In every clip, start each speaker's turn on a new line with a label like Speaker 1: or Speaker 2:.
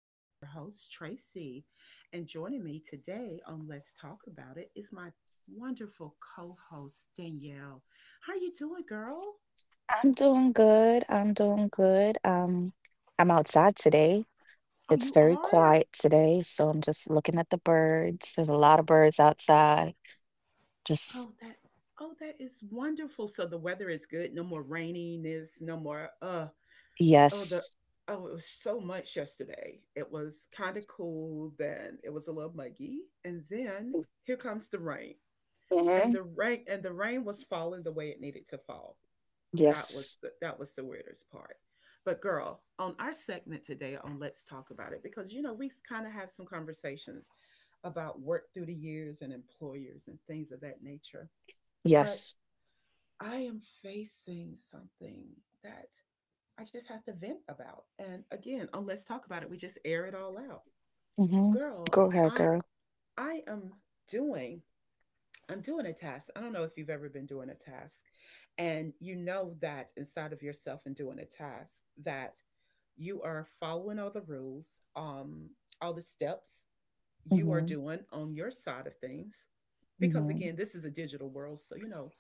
Speaker 1: This is your host, Tracy, and joining me today on Let's Talk About It is my wonderful co host, Danielle. How are you doing, girl?
Speaker 2: I'm doing good. I'm outside today.
Speaker 1: Oh,
Speaker 2: It's
Speaker 1: you
Speaker 2: very
Speaker 1: are?
Speaker 2: quiet today, so I'm just looking at the birds. There's a lot of birds outside. Just
Speaker 1: Oh, that. Oh, that is wonderful. So the weather is good. No more raininess. No more. Oh, the.
Speaker 2: yes.
Speaker 1: Oh, it was so much yesterday. It was kind of cool. Then it was a little muggy, and then here comes the rain. and
Speaker 2: hmm
Speaker 1: the rain and the rain was falling the way it needed to fall. that was
Speaker 2: Yes.
Speaker 1: the, that was the weirdest part. But girl, on our segment today on Let's Talk About It, because you know, we've kind of had some conversations about work through the years and employers and things of that nature. But
Speaker 2: Yes.
Speaker 1: I am facing something that I just have to vent about. And again, on Let's Talk About It, we just air it all out.
Speaker 2: hmm
Speaker 1: Girl,
Speaker 2: Go ahead, girl.
Speaker 1: i am doing I'm doing a task. I don't know if you've ever been doing a task, and you know that inside of yourself. And doing a task that you are following all the rules, all the steps you are
Speaker 2: hmm
Speaker 1: doing on your side of things. Because
Speaker 2: hmm
Speaker 1: again, this is a digital world. So, you know,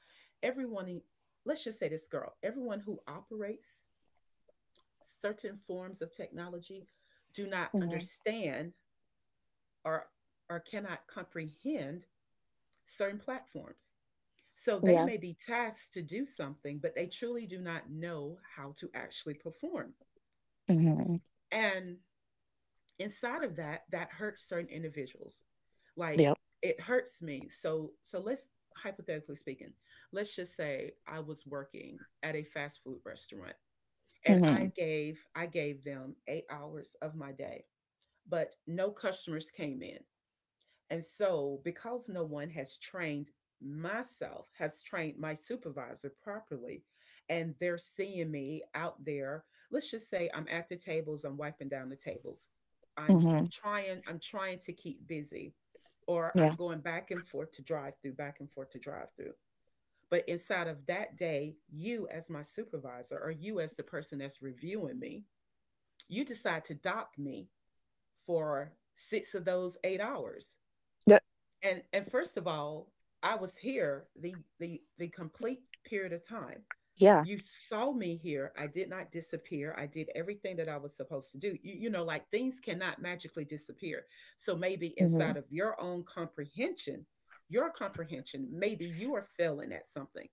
Speaker 1: everyone, e, let's just say this, girl. Everyone who operates certain forms of technology do not
Speaker 2: hmm
Speaker 1: understand, or, or cannot comprehend certain platforms. So they
Speaker 2: Yeah.
Speaker 1: may be tasked to do something, but they truly do not know how to actually perform.
Speaker 2: hmm
Speaker 1: And inside of that, that hurts certain individuals. Like
Speaker 2: Yep.
Speaker 1: it hurts me. So let's, hypothetically speaking, let's just say I was working at a fast food restaurant, and I
Speaker 2: hmm
Speaker 1: gave I gave them 8 hours of my day, but no customers came in. And so, because no one has has trained my supervisor properly, and they're seeing me out there, let's just say I'm at the tables, I'm wiping down the tables. I'm
Speaker 2: hmm
Speaker 1: I'm trying to keep busy, or I'm
Speaker 2: Yeah.
Speaker 1: going back and forth to drive through, back and forth to drive through. But inside of that day, you as my supervisor, or you as the person that's reviewing me, you decide to dock me for 6 of those 8 hours.
Speaker 2: Yep.
Speaker 1: And first of all, I was here the complete period of time.
Speaker 2: Yeah.
Speaker 1: You saw me here. I did not disappear. I did everything that I was supposed to do. You know, like, things cannot magically disappear. So maybe
Speaker 2: hmm
Speaker 1: inside of your comprehension, maybe you are failing at something.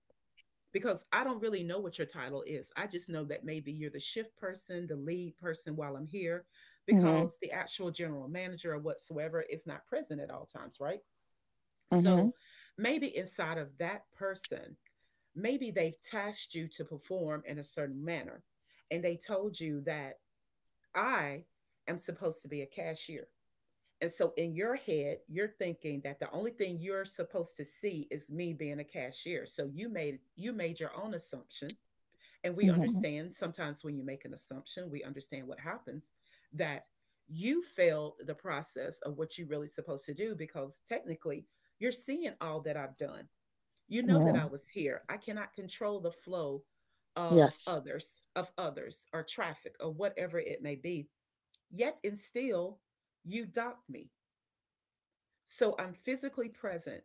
Speaker 1: Because I don't really know what your title is. I just know that maybe you're the shift person, the lead person, while I'm here.
Speaker 2: hmm
Speaker 1: Because the actual general manager or whatsoever is not present at all times, right?
Speaker 2: hmm
Speaker 1: So maybe inside of that person, maybe they've tasked you to perform in a certain manner. And they told you that I am supposed to be a cashier. And so in your head, you're thinking that the only thing you're supposed to see is me being a cashier. So you made your own assumption. And we
Speaker 2: hmm
Speaker 1: understand sometimes when you make an assumption, we understand what happens, that you failed the process of what you're really supposed to do. Because technically, you're seeing all that I've done. You know that I
Speaker 2: hmm
Speaker 1: was here. I cannot control the flow of
Speaker 2: Yes.
Speaker 1: others, of others, or traffic, or whatever it may be. Yet and still, you docked me. So I'm physically present.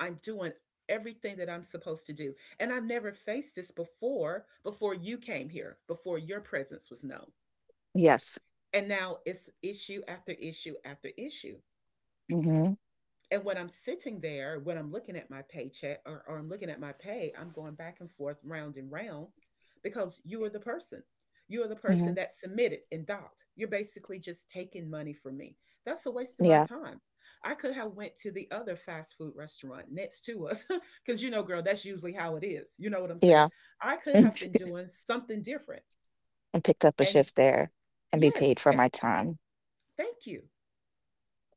Speaker 1: I'm doing everything that I'm supposed to do. And I've never faced this before, before you came here, before your presence was known.
Speaker 2: Yes.
Speaker 1: And now it's issue after issue after issue.
Speaker 2: hmm
Speaker 1: And when I'm sitting there, when I'm looking at my paycheck, or I'm looking at my pay, I'm going back and forth, round and round, because you are the person. You are the person
Speaker 2: hmm
Speaker 1: that submitted and docked. You're basically just taking money from me. That's a waste of my
Speaker 2: Yeah.
Speaker 1: time. I could have went to the other fast food restaurant next to us, because you know, girl, that's usually how it is. You know what I'm saying?
Speaker 2: Yeah.
Speaker 1: I could have been doing something different.
Speaker 2: And picked up a
Speaker 1: And
Speaker 2: shift there and be paid
Speaker 1: yes,
Speaker 2: for my time.
Speaker 1: thank you.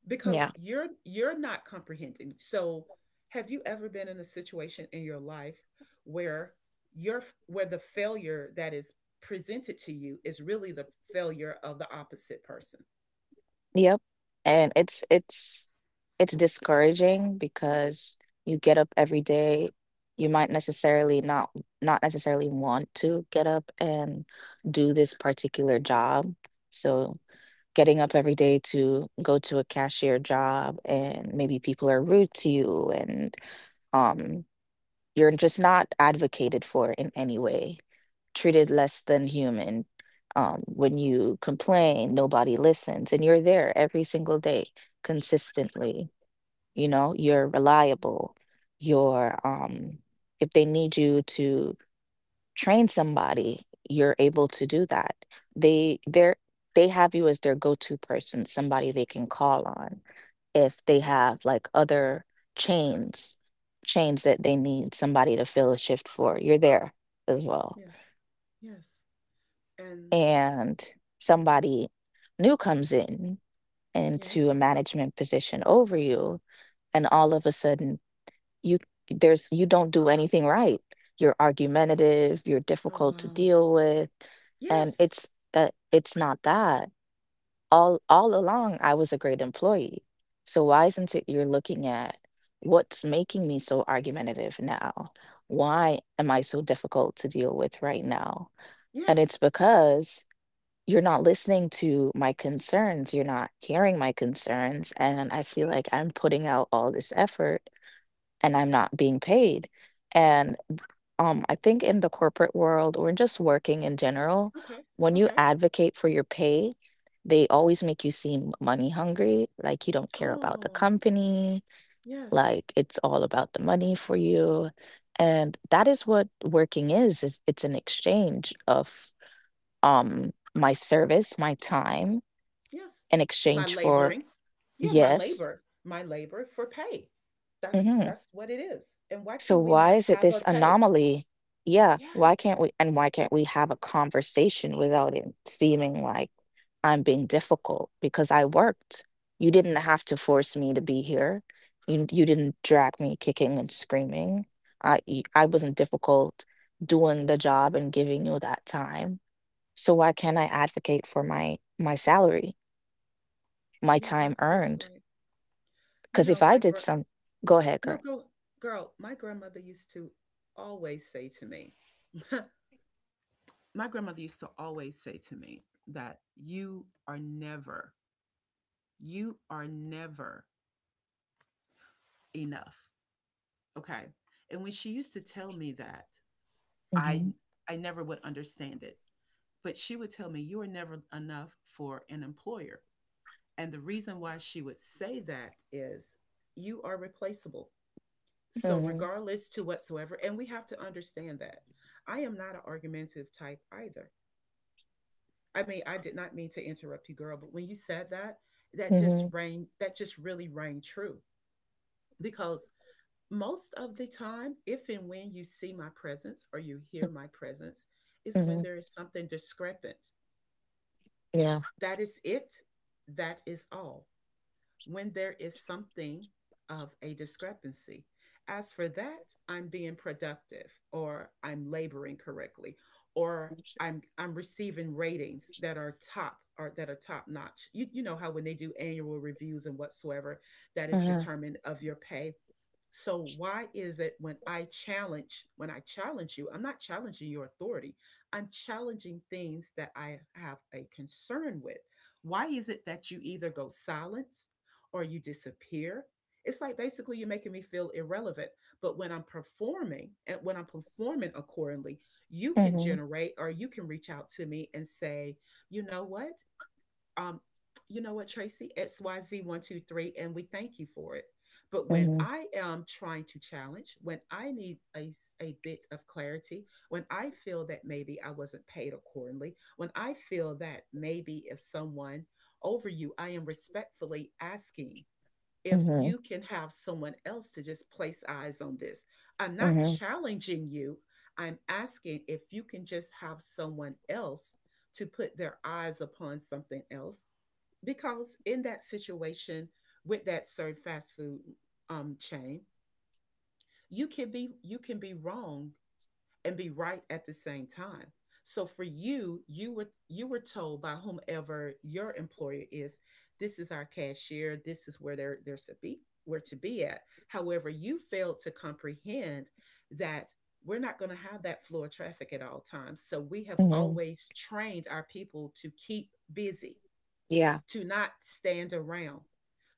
Speaker 1: Because
Speaker 2: Yeah.
Speaker 1: you're not comprehending. So, have you ever been in a situation in your life where where the failure that is presented to you is really the failure of the opposite person?
Speaker 2: Yep. And it's it's discouraging because you get up every day. You might necessarily not necessarily want to get up and do this particular job. So getting up every day to go to a cashier job and maybe people are rude to you and um you're just not advocated for in any way, treated
Speaker 1: Yes.
Speaker 2: less than human. When you complain, nobody listens, and you're there every single day consistently. You know, you're reliable. You're, um, if they need you to train somebody, you're able to do that. They they have you as their go-to person, somebody they can call on if they
Speaker 1: Hmm.
Speaker 2: have like other chains, chains that they need somebody to fill a shift for. You're there as well.
Speaker 1: Yes. Yes. And
Speaker 2: And somebody new comes in into a
Speaker 1: yes.
Speaker 2: management position over you, and all of a sudden you there's you don't do anything right. You're argumentative, you're
Speaker 1: Oh,
Speaker 2: difficult to
Speaker 1: wow.
Speaker 2: deal with. And
Speaker 1: Yes.
Speaker 2: it's that it's not that all along I was a great employee. So why isn't it you're looking at what's making me so argumentative now? Why am I so difficult to deal with right now? And
Speaker 1: Yes.
Speaker 2: it's because you're not listening to my concerns, you're not hearing my concerns, and I feel like I'm putting out all this effort and I'm not being paid. And I think in the corporate world or just working in general,
Speaker 1: Okay.
Speaker 2: when you
Speaker 1: Okay.
Speaker 2: advocate for your pay, they always make you seem money hungry, like you don't care about the
Speaker 1: Oh,
Speaker 2: company,
Speaker 1: yes.
Speaker 2: like it's all about the money for you. And that is what working is it's an exchange of my service, my time
Speaker 1: Yes.
Speaker 2: in
Speaker 1: My
Speaker 2: exchange for
Speaker 1: laboring. Yeah, my
Speaker 2: yes.
Speaker 1: labor, my labor for pay. That's
Speaker 2: hmm
Speaker 1: that's what it is. And why
Speaker 2: So
Speaker 1: can we not
Speaker 2: why is it
Speaker 1: have a
Speaker 2: this
Speaker 1: pay?
Speaker 2: anomaly? Yeah, why
Speaker 1: Yes,
Speaker 2: can't we have a conversation without it seeming like I'm being difficult because I worked. You didn't have to force me to be here. You didn't drag me kicking and screaming. I wasn't difficult doing the job and giving you that time. So why can't I advocate for my salary, my
Speaker 1: you're
Speaker 2: time
Speaker 1: absolutely
Speaker 2: earned?
Speaker 1: right. You
Speaker 2: 'Cause
Speaker 1: know,
Speaker 2: if I did some, go ahead, girl.
Speaker 1: no, girl, my grandmother used to always say to me, my grandmother used to always say to me that you are never enough. Okay. And when she used to tell me that, I
Speaker 2: Mhm,
Speaker 1: I never would understand it. But she would tell me, you are never enough for an employer. And the reason why she would say that is you are replaceable. So,
Speaker 2: mhm,
Speaker 1: regardless to whatsoever, and we have to understand that I am not an argumentative type either. I mean, I did not mean to interrupt you, girl, but when you said that,
Speaker 2: mhm,
Speaker 1: that just really rang true. Because most of the time, if and when you see my presence or you
Speaker 2: m,
Speaker 1: hear my presence, is when
Speaker 2: mhm,
Speaker 1: there is something discrepant.
Speaker 2: yeah,
Speaker 1: That is it. That is all. When there is something of a discrepancy. As for that, I'm being productive, or I'm laboring correctly, or I'm receiving ratings that are top, or that are top notch. You know how when they do annual reviews and whatsoever, that is
Speaker 2: mhm,
Speaker 1: determined of your pay. So why is it when I challenge you, I'm not challenging your authority. I'm challenging things that I have a concern with. Why is it that you either go silence, or you disappear? It's like basically you're making me feel irrelevant. But when I'm performing, and when I'm performing accordingly, you can
Speaker 2: mhm,
Speaker 1: generate, or you can reach out to me and say, you know what? um, you know what, Tracy? XYZ123, and we thank you for it. But when
Speaker 2: mhm,
Speaker 1: I am trying to challenge, when I need a bit of clarity, when I feel that maybe I wasn't paid accordingly, when I feel that maybe if someone over you, I am respectfully asking if
Speaker 2: mhm,
Speaker 1: you can have someone else to just place eyes on this. I'm not
Speaker 2: mhm,
Speaker 1: challenging you. I'm asking if you can just have someone else to put their eyes upon something else. Because in that situation with that served fast food chain, you can be wrong and be right at the same time. So for you, you were told by whomever your employer is, this is our cashier, this is where they're to be where to be at. However, you failed to comprehend that we're not going to have that flow of traffic at all times. So we have
Speaker 2: mhm,
Speaker 1: always trained our people to keep busy,
Speaker 2: yeah,
Speaker 1: to not stand around,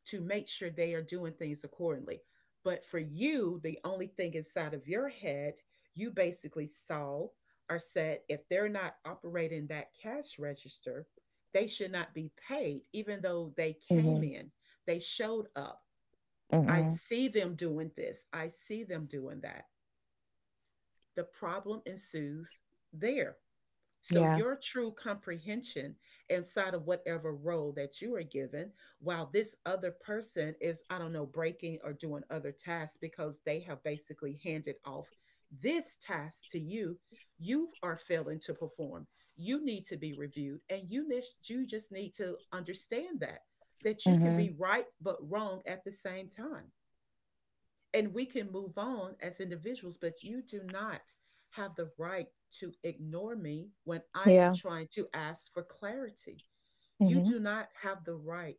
Speaker 1: to make sure they are doing things accordingly. But for you, the only thing inside of your head, you basically saw or said, if they're not operating that cash register, they should not be paid, even though they came
Speaker 2: mhm,
Speaker 1: in, they showed up. I
Speaker 2: mhm,
Speaker 1: see them doing this, I see them doing that. The problem ensues there. So,
Speaker 2: yeah.
Speaker 1: your true comprehension inside of whatever role that you are given, while this other person is, I don't know, breaking or doing other tasks, because they have basically handed off this task to you, you are failing to perform. You need to be reviewed, and you just need to understand that you can
Speaker 2: Mhm.
Speaker 1: be right but wrong at the same time, and we can move on as individuals. But you do not have the right to ignore me when I am
Speaker 2: Yeah.
Speaker 1: trying to ask for clarity. You
Speaker 2: Mhm.
Speaker 1: do not have the right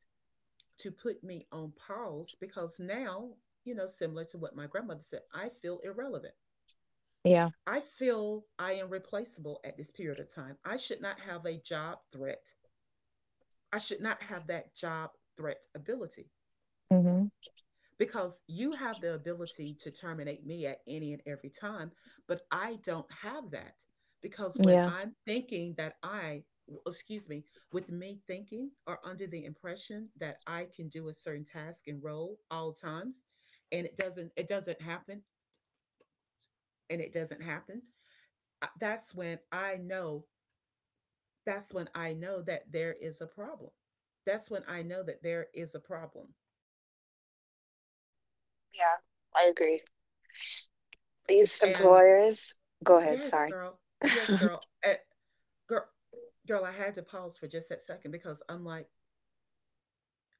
Speaker 1: to put me on pause. Because now, similar to what my grandmother said, I feel irrelevant.
Speaker 2: Yeah.
Speaker 1: I feel I am replaceable at this period of time. I should not have a job threat. I should not have that job threat ability.
Speaker 2: Mhm.
Speaker 1: Because you have the ability to terminate me at any and every time, but I don't have that. Because when
Speaker 2: Yeah.
Speaker 1: I'm thinking that I, excuse me, with me thinking or under the impression that I can do a certain task and role all times, and it doesn't happen, and it doesn't happen. That's when I know. That's when I know that there is a problem. That's when I know that there is a problem.
Speaker 2: Yeah, I agree. These
Speaker 1: And
Speaker 2: employers, go ahead,
Speaker 1: yes,
Speaker 2: sorry.
Speaker 1: girl. Yes, girl. Girl, I had to pause for just that second because I'm like,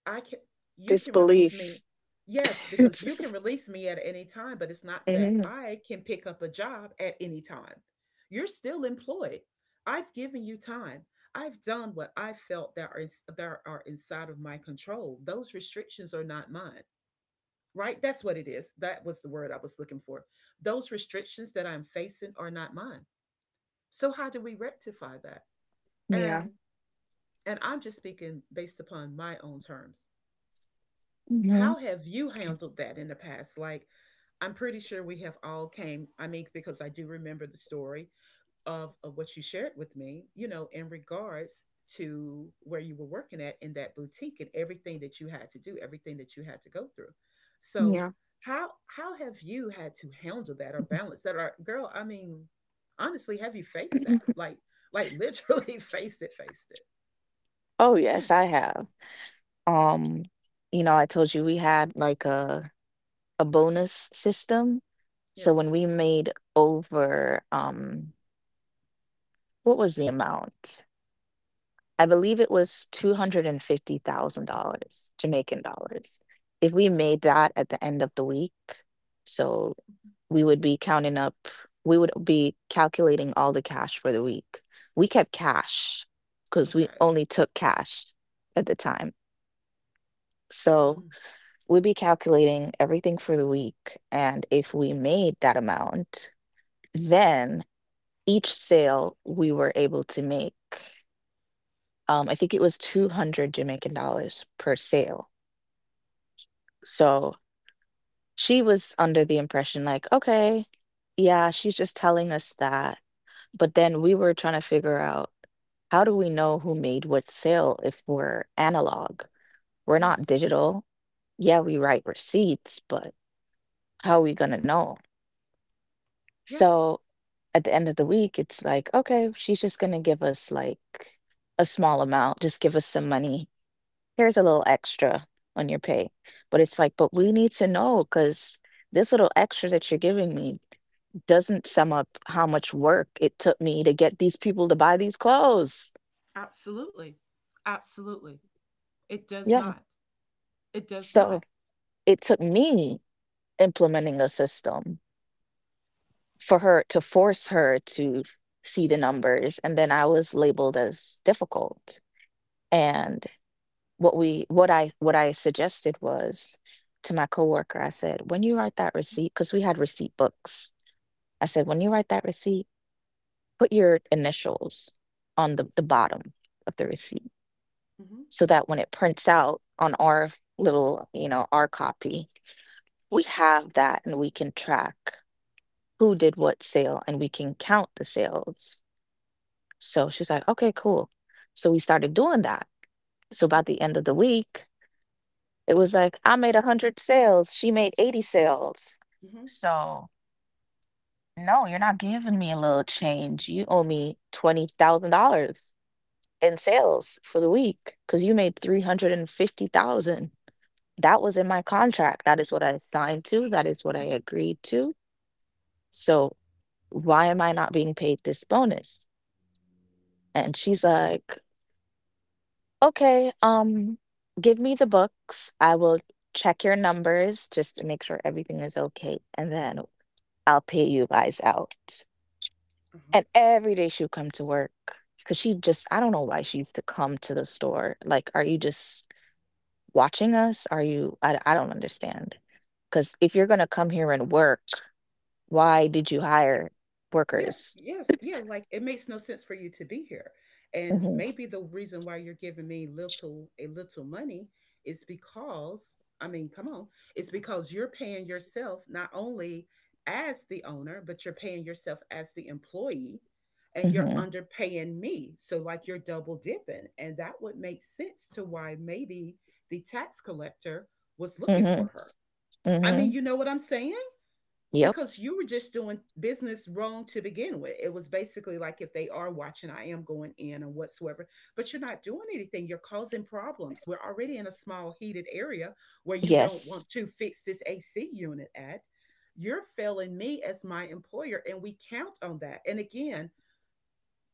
Speaker 1: I can, you can release
Speaker 2: Disbelief.
Speaker 1: me. Yes, because you can release me at any time, but it's not that
Speaker 2: Mhm.
Speaker 1: I can pick up a job at any time. You're still employed. I've given you time. I've done what I felt that that are inside of my control. Those restrictions are not mine. Right? That's what it is. That was the word I was looking for. Those restrictions that I'm facing are not mine. So how do we rectify that?
Speaker 2: Yeah.
Speaker 1: And And I'm just speaking based upon my own terms.
Speaker 2: Mhm.
Speaker 1: How have you handled that in the past? Like, I'm pretty sure we have all came. I mean, because I do remember the story of what you shared with me, you know, in regards to where you were working at in that boutique and everything that you had to do, everything that you had to go through. So
Speaker 2: Yeah.
Speaker 1: how have you had to handle that or balance that? Or girl, I mean, honestly, have you faced that? Like literally faced it, faced it.
Speaker 2: Oh yes,
Speaker 1: Yes,
Speaker 2: I have. Um, you know, I told you we had like a bonus system. So when
Speaker 1: yes.
Speaker 2: we made over what was the amount? I believe it was $250,000 Jamaican dollars. If we made that at the end of the week, so we would be counting up, we would be calculating all the cash for the week. We kept cash because we
Speaker 1: Okay.
Speaker 2: only took cash at the time. So
Speaker 1: Mm,
Speaker 2: we'd be calculating everything for the week. And if we made that amount, then each sale we were able to make. I think it was 200 Jamaican dollars per sale. So she was under the impression like, okay, yeah, she's just telling us that. But then we were trying to figure out, how do we know who made what sale if we're analog? We're not
Speaker 1: yes.
Speaker 2: digital. Yeah, we write receipts, but how are we gonna know?
Speaker 1: Yes.
Speaker 2: So at the end of the week, it's like, okay, she's just gonna give us like a small amount, just give us some money. Here's a little extra on your pay. But it's like, but we need to know because this little extra that you're giving me doesn't sum up how much work it took me to get these people to buy these clothes.
Speaker 1: Absolutely. Absolutely. It does
Speaker 2: Yeah.
Speaker 1: not. It does
Speaker 2: So
Speaker 1: not.
Speaker 2: it took me implementing a system for her to force her to see the numbers. And then I was labeled as difficult. And what I suggested was to my coworker. I said, when you write that
Speaker 1: Mm-hmm.
Speaker 2: receipt, because we had receipt books, I said, when you write that receipt, put your initials on the bottom of the receipt
Speaker 1: Mm-hmm.
Speaker 2: so that when it prints out on our little, you know, our copy, we have that and we can track who did what sale, and we can count the sales. So she's like, okay, cool. So we started doing that. So
Speaker 1: Mm-hmm.
Speaker 2: by the end of the week, it was like, I made 100 sales. She made 80 sales.
Speaker 1: Mm-hmm.
Speaker 2: So, no, you're not giving me a little change. You owe me $20,000 in sales for the week because you made 350,000. That was in my contract. That is what I signed to. That is what I
Speaker 1: Mm-hmm.
Speaker 2: agreed to. So why am I not being paid this bonus? And she's like, okay, give me the books. I will check your numbers just to make sure everything is okay. And then I'll pay you guys out.
Speaker 1: Uh-huh.
Speaker 2: And every day she would come to work because she just, I don't know why she used to come to the store. Like, are you just watching us? Are you, I don't understand. Because if you're going to come here and work, why did you hire
Speaker 1: Yes,
Speaker 2: workers?
Speaker 1: yes, yeah, like, it makes no sense for you to be here, and
Speaker 2: hmm
Speaker 1: maybe the reason why you're giving me little a little money is because, I mean, come on, it's because you're paying yourself not only as the owner, but you're paying yourself as the employee, and you're
Speaker 2: hmm
Speaker 1: underpaying me, so, like, you're double dipping, and that would make sense to why maybe the tax collector was looking
Speaker 2: hmm
Speaker 1: for her. I mean,
Speaker 2: hmm
Speaker 1: you know what I'm saying?
Speaker 2: Yep.
Speaker 1: Because you were just doing business wrong to begin with. It was basically like, if they are watching, I am going in and whatsoever, but you're not doing anything. You're causing problems. We're already in a small heated area where you don't
Speaker 2: Yes.
Speaker 1: want to fix this AC unit at. You're failing me as my employer, and we count on that. And again,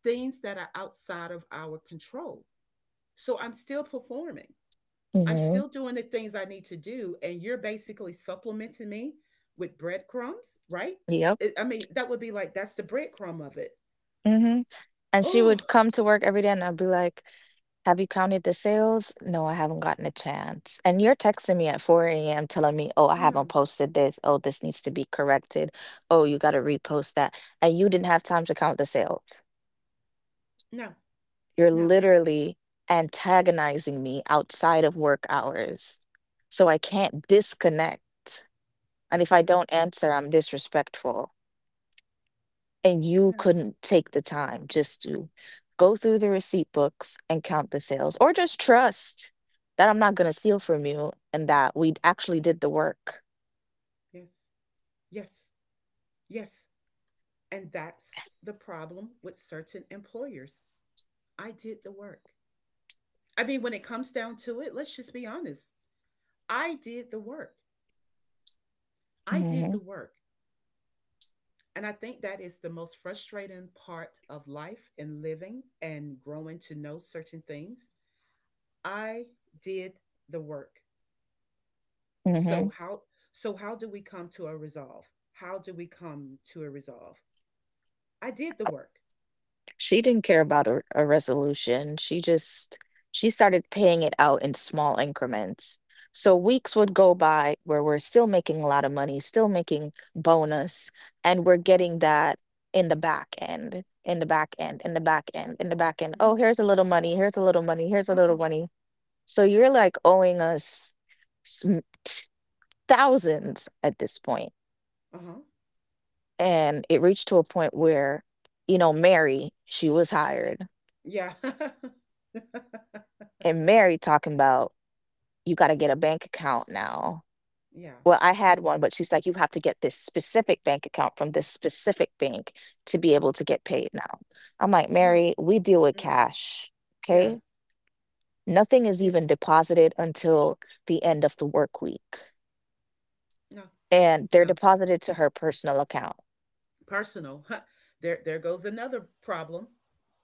Speaker 1: things that are outside of our control. So I'm still performing. I'm
Speaker 2: hmm
Speaker 1: still doing the things I need to do, and you're basically supplementing me with breadcrumbs, right?
Speaker 2: Yep.
Speaker 1: I mean, that would be like that's the breadcrumb of it.
Speaker 2: hmm And she
Speaker 1: Oh,
Speaker 2: would come to work every day and I'd be like, have you counted the sales? No, I haven't gotten a chance. And you're texting me at 4 a.m. telling me, oh, I
Speaker 1: no,
Speaker 2: haven't
Speaker 1: no,
Speaker 2: posted this. Oh, this needs to be corrected. Oh, you got to repost that. And you didn't have time to count the sales.
Speaker 1: no,
Speaker 2: You're
Speaker 1: no,
Speaker 2: literally antagonizing me outside of work hours. So I can't disconnect. And if I
Speaker 1: no,
Speaker 2: don't answer, I'm disrespectful. And you
Speaker 1: no,
Speaker 2: couldn't take the time just to go through the receipt books and count the sales, or just trust that I'm not going to steal from you and that we actually did the work.
Speaker 1: yes, yes, yes. And that's the problem with certain employers. I did the work. I mean, when it comes down to it, let's just be honest. I did the work. I did
Speaker 2: hmm
Speaker 1: the work. And I think that is the most frustrating part of life and living and growing to know certain things. I did the work. So
Speaker 2: hmm
Speaker 1: how so how do we come to a resolve? How do we come to a resolve? I did the work.
Speaker 2: She didn't care about a resolution. She started paying it out in small increments. So weeks would go by where we're still making a lot of money, still making bonus, and we're
Speaker 1: Mhm,
Speaker 2: getting that in the back end, in the back end, in the back end, in the back end. Oh,
Speaker 1: mhm.
Speaker 2: here's a little money, here's a little money, here's a little
Speaker 1: Uh-uh.
Speaker 2: money. So you're like owing us some thousands at this point.
Speaker 1: Uh-huh.
Speaker 2: And it reached to a point where, you know, Mary, she was
Speaker 1: Yes.
Speaker 2: hired,
Speaker 1: Yeah.
Speaker 2: and Mary talking about, you got to get a bank account now.
Speaker 1: yeah.
Speaker 2: Well, I had one, but she's like, you have to get this specific bank account from this specific bank to be able to get paid now. I'm like,
Speaker 1: No.
Speaker 2: Mary, we deal with
Speaker 1: No.
Speaker 2: cash. Okay.
Speaker 1: Yeah.
Speaker 2: Nothing is
Speaker 1: Yes.
Speaker 2: even deposited until the end of the work week.
Speaker 1: No.
Speaker 2: And they're
Speaker 1: No.
Speaker 2: deposited to her personal account.
Speaker 1: Personal. There goes another problem.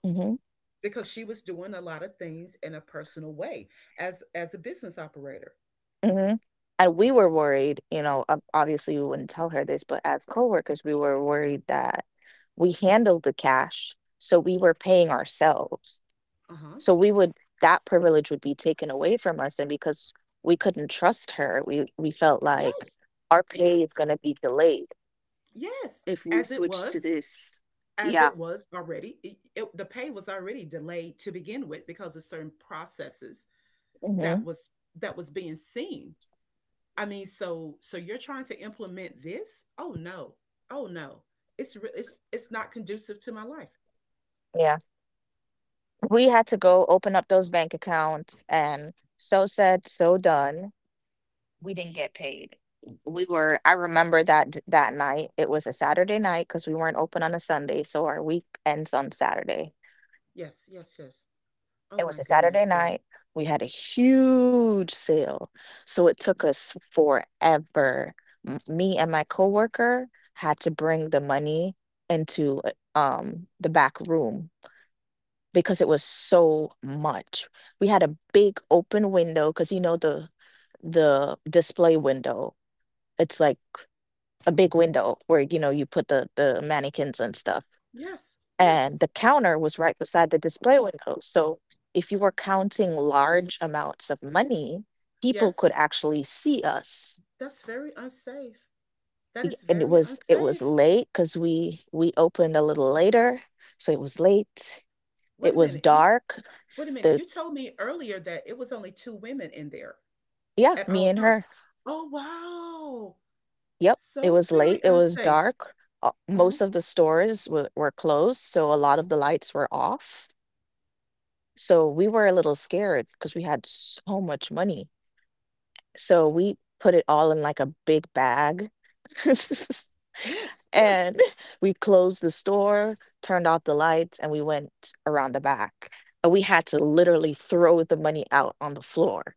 Speaker 2: Mm-hmm.
Speaker 1: Because she was doing a lot of things in a personal way as a business operator.
Speaker 2: Mhm. And we were worried, you know, ob obviously, we wouldn't tell her this, but as coworkers, we were worried that we handled the cash, so we were paying ourselves.
Speaker 1: Uh-huh.
Speaker 2: So we would, that privilege would be taken away from us, and because we couldn't trust her, we felt like
Speaker 1: Yes.
Speaker 2: our pay is
Speaker 1: Yes.
Speaker 2: gonna be delayed
Speaker 1: Yes.
Speaker 2: if we switch to this.
Speaker 1: As
Speaker 2: Yeah.
Speaker 1: it was already, the pay was already delayed to begin with because of certain processes that
Speaker 2: Mhm.
Speaker 1: was that was being seen. I mean, so you're trying to implement this? Oh no. Oh no. It's re- It's not conducive to my life.
Speaker 2: Yeah. We had to go open up those bank accounts, and so said, so done, we didn't get paid. We were, I remember that night. It was a Saturday night because we weren't open on a Sunday, so our week ends on Saturday.
Speaker 1: Yes, yes, yes. Oh
Speaker 2: It was
Speaker 1: my
Speaker 2: a Saturday
Speaker 1: goodness, girl.
Speaker 2: night. We had a huge sale, so it took us forever. Me and my coworker had to bring the money into the back room because it was so much. We had a big open window because you know the display window. It's like a big window where you know you put the mannequins and stuff,
Speaker 1: Yes. Yes.
Speaker 2: and the counter was right beside the display window. So if you were counting large amounts of money, people could
Speaker 1: Yes.
Speaker 2: actually see us.
Speaker 1: That's very unsafe. That is
Speaker 2: And it
Speaker 1: very
Speaker 2: was, it was
Speaker 1: unsafe.
Speaker 2: late because we opened a little later, so it was late, it
Speaker 1: Wait a
Speaker 2: was
Speaker 1: minute.
Speaker 2: dark.
Speaker 1: Wait a minute.
Speaker 2: The
Speaker 1: You told me earlier that it was only two women in there
Speaker 2: Yeah,
Speaker 1: at
Speaker 2: me
Speaker 1: all
Speaker 2: and
Speaker 1: times.
Speaker 2: her.
Speaker 1: Oh wow.
Speaker 2: Yep, it
Speaker 1: So
Speaker 2: was late,
Speaker 1: very
Speaker 2: it was
Speaker 1: unsafe.
Speaker 2: dark.
Speaker 1: Uh-huh.
Speaker 2: Most of the stores were closed, so a lot of the lights were off. So we were a little scared because we had so much money. So we put it all in like a big bag.
Speaker 1: Yes. Yes.
Speaker 2: And we closed the store, turned off the lights, and we went around the back. And we had to
Speaker 1: Mm.
Speaker 2: literally throw the money out on the floor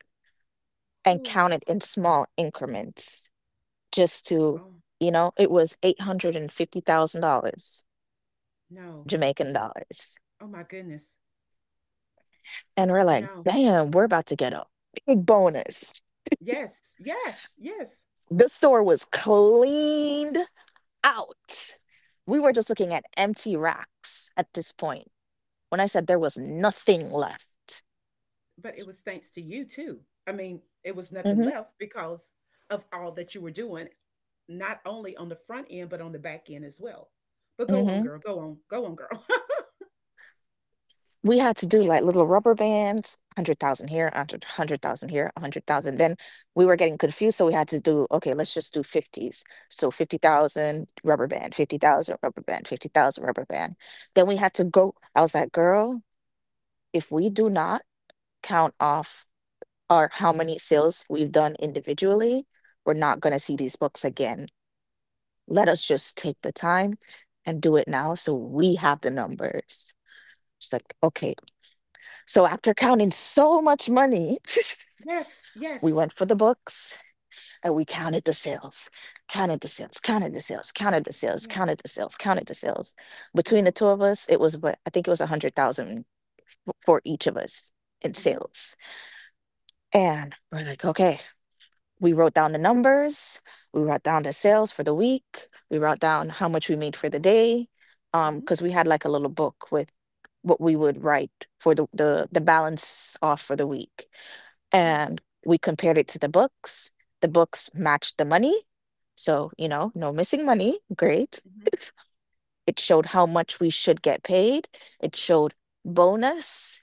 Speaker 2: and count
Speaker 1: Oh,
Speaker 2: it in small increments just to,
Speaker 1: oh
Speaker 2: it was $850,000
Speaker 1: no.
Speaker 2: Jamaican dollars.
Speaker 1: Oh my goodness.
Speaker 2: And we're like,
Speaker 1: No.
Speaker 2: damn, we're about to get a big bonus.
Speaker 1: Yes. Yes. Yes.
Speaker 2: The store was cleaned out. We were just looking at empty racks at this point. When I said there was nothing left.
Speaker 1: But it was thanks to you too. I mean, it was nothing
Speaker 2: hmm
Speaker 1: left because of all that you were doing, not only on the front end, but on the back end as well. But go on,
Speaker 2: hmm
Speaker 1: girl. Go on. Go on, girl.
Speaker 2: We had to do like little rubber bands, 100,000 here, 100 100,000 here, 100,000. Then we were getting confused. So we had to do, okay, let's just do 50s. So 50,000 rubber band, 50,000 rubber band, 50,000 rubber band. Then we had to go. I was like, girl, if we do not count off or how many sales we've done individually, we're not going to see these books again. Let us just take the time and do it now so we have the numbers. She's like, okay. So after counting so much money,
Speaker 1: Yes,
Speaker 2: we
Speaker 1: yes,
Speaker 2: went for the books and we counted the sales, counted the sales, counted the sales, counted the sales, counted the
Speaker 1: yes.
Speaker 2: sales, counted the sales. Between
Speaker 1: Uh-huh.
Speaker 2: the two of us, it was, what, I think it was a hundred thousand for each of us in
Speaker 1: Mhm,
Speaker 2: sales. And we're like, okay, we wrote down the numbers, we wrote down the sales for the week, we wrote down how much we made for the day,
Speaker 1: mhm.
Speaker 2: because we had like a little book with what we would write for the balance off for the week, and
Speaker 1: Yes.
Speaker 2: we compared it to the books. The books matched the money, so you know, no missing money, great.
Speaker 1: Mhm.
Speaker 2: it showed how much we should get paid, it showed bonus.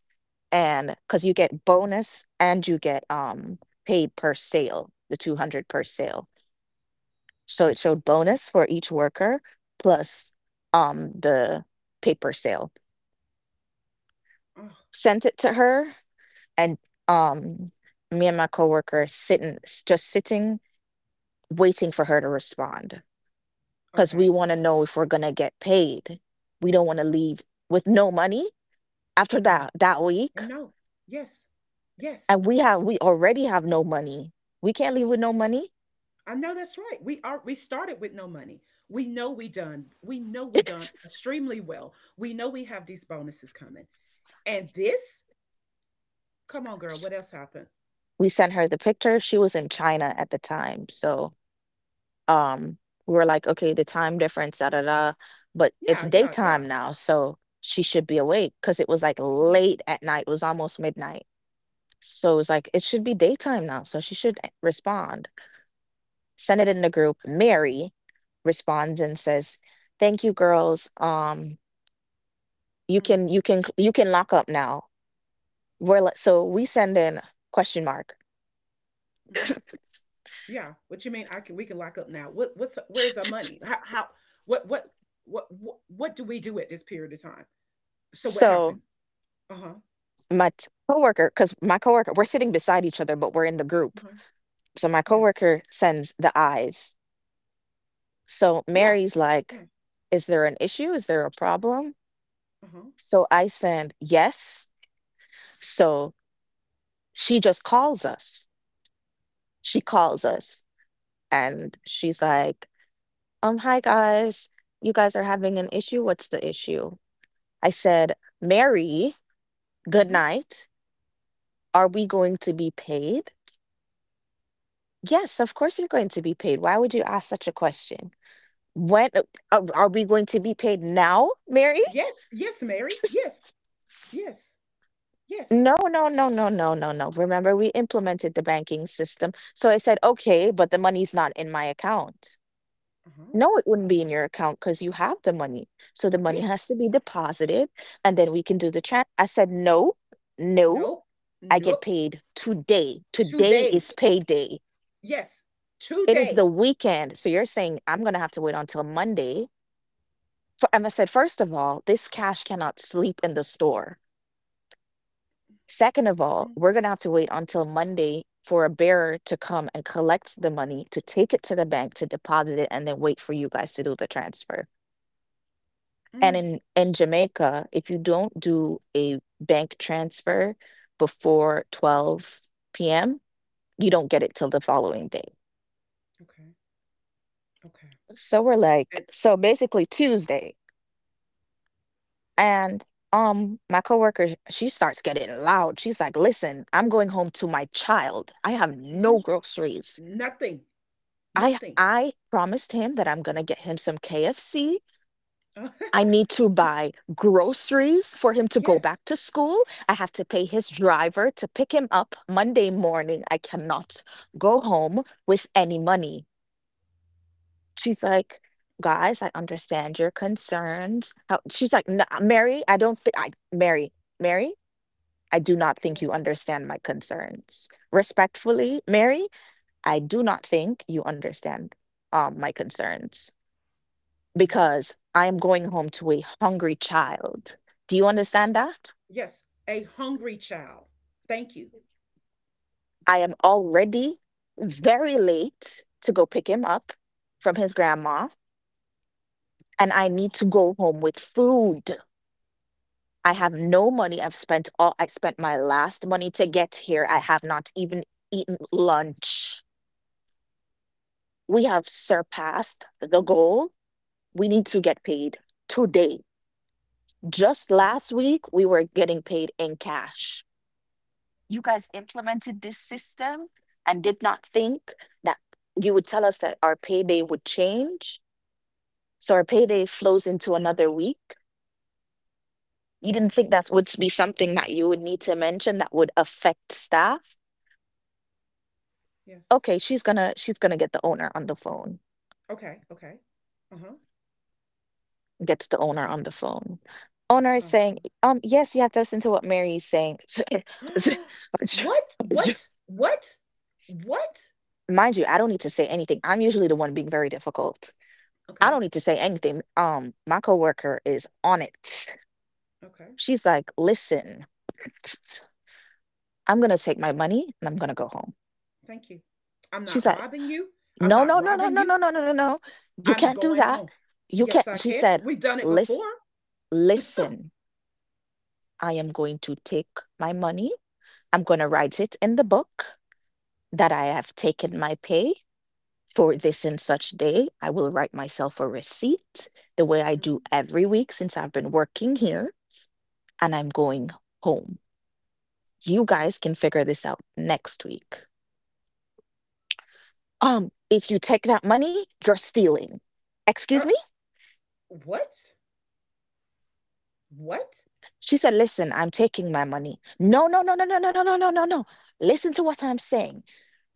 Speaker 2: And because you get bonus and you get paid per sale, the 200 per sale, so it showed bonus for each worker plus the paper sale.
Speaker 1: Oh,
Speaker 2: Sent it to her and um me and my coworker sitting just sitting, waiting for her to respond, because we
Speaker 1: okay.
Speaker 2: want to know if we're going to get paid. We don't want to leave with no money after
Speaker 1: No.
Speaker 2: that
Speaker 1: I
Speaker 2: week,
Speaker 1: know. Yes. Yes.
Speaker 2: and we have, we already have no money. We can't leave with no money.
Speaker 1: I know that's right. We started with no money. We know we done. We know we done extremely well. We know we have these bonuses coming. And this? Come on, girl, what else happened?
Speaker 2: we sent her the picture. She was in China at the time. So um we were like, okay, the time difference, da da da, but it's
Speaker 1: Yeah, yeah, yeah.
Speaker 2: daytime now, so she should be awake, because it was like late at night, it was almost midnight, so it was like it should be daytime now, so she should respond. Send it in the group. Mary responds and says, thank you girls, you
Speaker 1: Mm-hmm.
Speaker 2: can you can lock up now. We're like, so we send in question mark.
Speaker 1: hmm Yeah. What you mean I can we can lock up now. What what's Where's our money? How what what what do we do at this period of time? So what
Speaker 2: so
Speaker 1: happened? Uh-huh.
Speaker 2: my coworker, because my coworker, we're sitting beside each other, but we're in the group,
Speaker 1: Uh-huh.
Speaker 2: so my
Speaker 1: Yes.
Speaker 2: coworker sends the eyes. So
Speaker 1: Yeah.
Speaker 2: Mary's
Speaker 1: Yeah.
Speaker 2: like, is there an issue? Is there a problem?
Speaker 1: Uh-huh.
Speaker 2: So I send yes. So she just calls us. She calls us and she's like, hi guys. You guys are having an issue. What's the issue? I said, Mary, good
Speaker 1: Mm-hmm.
Speaker 2: night. Are we going to be paid? Yes, of course you're going to be paid. Why would you ask such a question? When are we going to be paid now, Mary?
Speaker 1: Yes. Yes, Mary. Yes. Yes. Yes.
Speaker 2: No, no, no, no, no, no, no. Remember, we implemented the banking system. So I said, okay, but the money's not in my account.
Speaker 1: Uh-huh.
Speaker 2: No, it wouldn't be in your account because you have the money. So the money
Speaker 1: Yes.
Speaker 2: has to be deposited and then we can do the chat. I said, no, no,
Speaker 1: Nope.
Speaker 2: I get
Speaker 1: Nope.
Speaker 2: paid today. Today
Speaker 1: Today.
Speaker 2: is payday.
Speaker 1: Yes.
Speaker 2: It is the
Speaker 1: Today.
Speaker 2: weekend. So you're saying I'm going to have to wait until Monday. For, and I said, first of all, this cash cannot sleep in the store. Second of all,
Speaker 1: Mm,
Speaker 2: we're going to have to wait until Monday for a bearer to come and collect the money, to take it to the bank, to deposit it, and then wait for you guys to do the transfer. And
Speaker 1: mm.
Speaker 2: in Jamaica, if you don't do a bank transfer before 12 p.m., you don't get it till the following day.
Speaker 1: Okay. Okay.
Speaker 2: So we're like,
Speaker 1: And
Speaker 2: so basically Tuesday. And my coworker, she starts getting loud. She's like, listen, I'm going home to my child. I have no
Speaker 1: mhm.
Speaker 2: groceries.
Speaker 1: Nothing.
Speaker 2: I
Speaker 1: Nothing.
Speaker 2: I promised him that I'm gonna get him some KFC.
Speaker 1: Uh,
Speaker 2: I need to buy groceries for him to go back
Speaker 1: yes.
Speaker 2: to school. I have to pay his driver to pick him up Monday morning. I cannot go home with any money. She's like, guys, I understand your concerns. How— She's like, "No, Mary, I don't think I Mary, Mary, I do not think you
Speaker 1: Yes.
Speaker 2: understand my concerns. Respectfully, Mary, I do not think you understand my concerns.
Speaker 1: hmm
Speaker 2: Because I am going home to a hungry child. Do you understand that?
Speaker 1: Yes. A hungry child. Thank you.
Speaker 2: I am already very late to go pick him up from his grandma, and I need to go home with food. I have
Speaker 1: Yes.
Speaker 2: no money. I spent my last money to get here. I have not even eaten lunch. We have surpassed the goal. We need to get paid today. Just last
Speaker 1: Yes.
Speaker 2: week, we were getting paid in cash. You guys implemented this system and did not think that you would tell us that our payday would change. So our
Speaker 1: hmm
Speaker 2: payday flows into another week. You didn't
Speaker 1: Yes.
Speaker 2: think that would be something that you would need to mention that would affect staff.
Speaker 1: Yes.
Speaker 2: Okay, she's gonna get the owner on the phone.
Speaker 1: Okay. Okay. Uh-huh.
Speaker 2: Gets the owner on the phone. Owner is
Speaker 1: Uh-huh.
Speaker 2: saying, yes, you have to listen to what Mary is saying.
Speaker 1: what? What? What? What?
Speaker 2: Mind you, I don't need to say anything. I'm usually the one being very difficult. I
Speaker 1: Okay.
Speaker 2: don't need to say anything. My coworker is on it.
Speaker 1: Okay.
Speaker 2: She's like, listen, I'm gonna take my money and I'm gonna go home.
Speaker 1: Thank you. I'm not
Speaker 2: She's like,
Speaker 1: robbing you. I'm
Speaker 2: no,
Speaker 1: not
Speaker 2: no, no, no,
Speaker 1: robbing
Speaker 2: no,
Speaker 1: you.
Speaker 2: no, no, no, no, no. You
Speaker 1: I'm
Speaker 2: can't do
Speaker 1: going
Speaker 2: that.
Speaker 1: home.
Speaker 2: You can't.
Speaker 1: Yes, I
Speaker 2: She
Speaker 1: can.
Speaker 2: said,
Speaker 1: We've done it
Speaker 2: listen,
Speaker 1: before.
Speaker 2: listen. I am going to take my money. I'm gonna write it in the book that I have taken my pay for
Speaker 1: Mhm,
Speaker 2: this and such day. I will write myself a receipt the way I
Speaker 1: mhm,
Speaker 2: do every week since I've been working here, and I'm
Speaker 1: mhm,
Speaker 2: going home. You
Speaker 1: yeah.
Speaker 2: guys can figure this out next week. If you take that money, you're stealing. Excuse
Speaker 1: Uh,
Speaker 2: me?
Speaker 1: what? What?
Speaker 2: She said, listen, I'm taking my money. No, no, no, no, no, no, no, no, no, no, no. Listen to what I'm saying.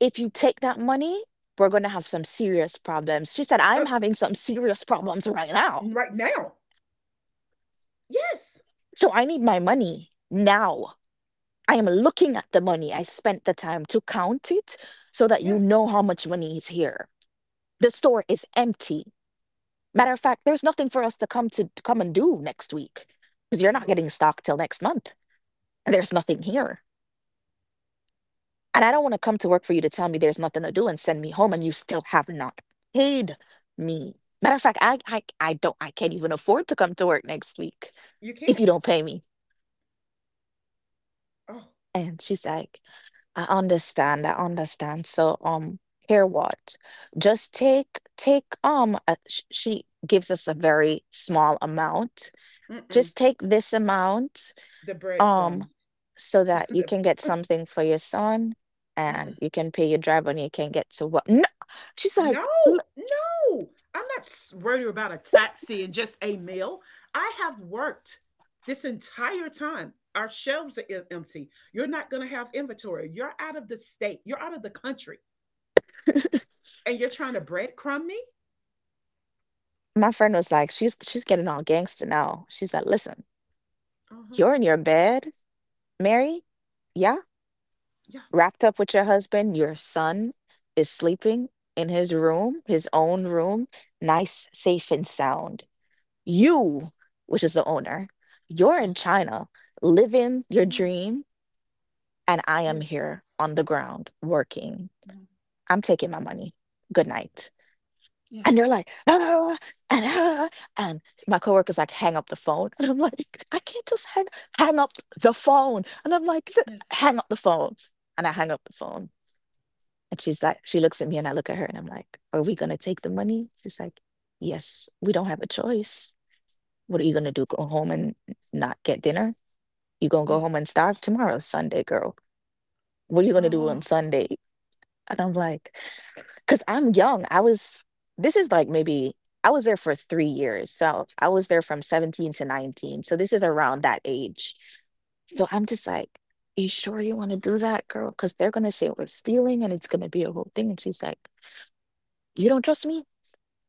Speaker 2: If you take that money, we're going to have some serious problems. She said, I'm
Speaker 1: Uh,
Speaker 2: having some serious problems right now.
Speaker 1: right now? Yes.
Speaker 2: So I need my money now. I am looking at the money. I spent the time to count it so that you
Speaker 1: Yeah.
Speaker 2: know how much money is here. The store is empty. Matter of
Speaker 1: Yes.
Speaker 2: fact, there's nothing for us to come and do next week because you're
Speaker 1: Uh
Speaker 2: not
Speaker 1: huh.
Speaker 2: getting stock till next month. And there's nothing here. And I don't want to come to work for you to tell me there's nothing to do and send me home and you still have not paid me. Matter of fact, I don't, I can't even afford to come to work next week
Speaker 1: You
Speaker 2: if you
Speaker 1: can't.
Speaker 2: don't pay me.
Speaker 1: Oh.
Speaker 2: And she's like, I understand, I understand. So here, what? Just take she gives us a very small amount.
Speaker 1: Mm-mm.
Speaker 2: Just take this amount,
Speaker 1: The
Speaker 2: um,
Speaker 1: breadcrumbs.
Speaker 2: so that you
Speaker 1: the,
Speaker 2: can get something for your son and
Speaker 1: mm.
Speaker 2: you can pay your driver and you can get to work. No, she's like,
Speaker 1: No,
Speaker 2: "Look,"
Speaker 1: no. I'm not s- worried about a taxi and just a meal. I have worked this entire time. Our shelves are em- empty. You're not going to have inventory. You're out of the state. You're out of the country. And you're trying to breadcrumb me?
Speaker 2: my friend was like, she's getting all gangster now. She's like, listen,
Speaker 1: Uh-huh.
Speaker 2: you're in your bed, Mary, yeah,
Speaker 1: Yeah.
Speaker 2: wrapped up with your husband. Your son is sleeping in his room, his own room, nice, safe, and sound. You, which is the owner, you're in
Speaker 1: Yes.
Speaker 2: China living your
Speaker 1: Yes.
Speaker 2: dream, and I am
Speaker 1: Yes.
Speaker 2: here on the ground working.
Speaker 1: mhm,
Speaker 2: I'm taking my money. Good night. And they're
Speaker 1: Yes.
Speaker 2: like, "Ah," and "ah," and my coworker's like, hang up the phone. And I'm like, I can't just hang up the phone. And I'm like, "Th-
Speaker 1: Yes.
Speaker 2: hang up the phone." And I hang up the phone. And she's like, she looks at me and I look at her and I'm like, are we gonna take the money? She's like, yes, we don't have a choice. What are you gonna do? Go home and not get dinner? You gonna go home and
Speaker 1: Yes.
Speaker 2: starve tomorrow, Sunday, girl. What are you gonna do on
Speaker 1: Oh.
Speaker 2: Sunday? And I'm like, because I'm young. I was, this is like maybe, I was there for 3 years. So I was there from 17 to 19. So this is around that age. So I'm just like, you sure you want to do that, girl? Because they're going to say we're stealing and it's going to be a whole thing. And she's like, you don't trust me?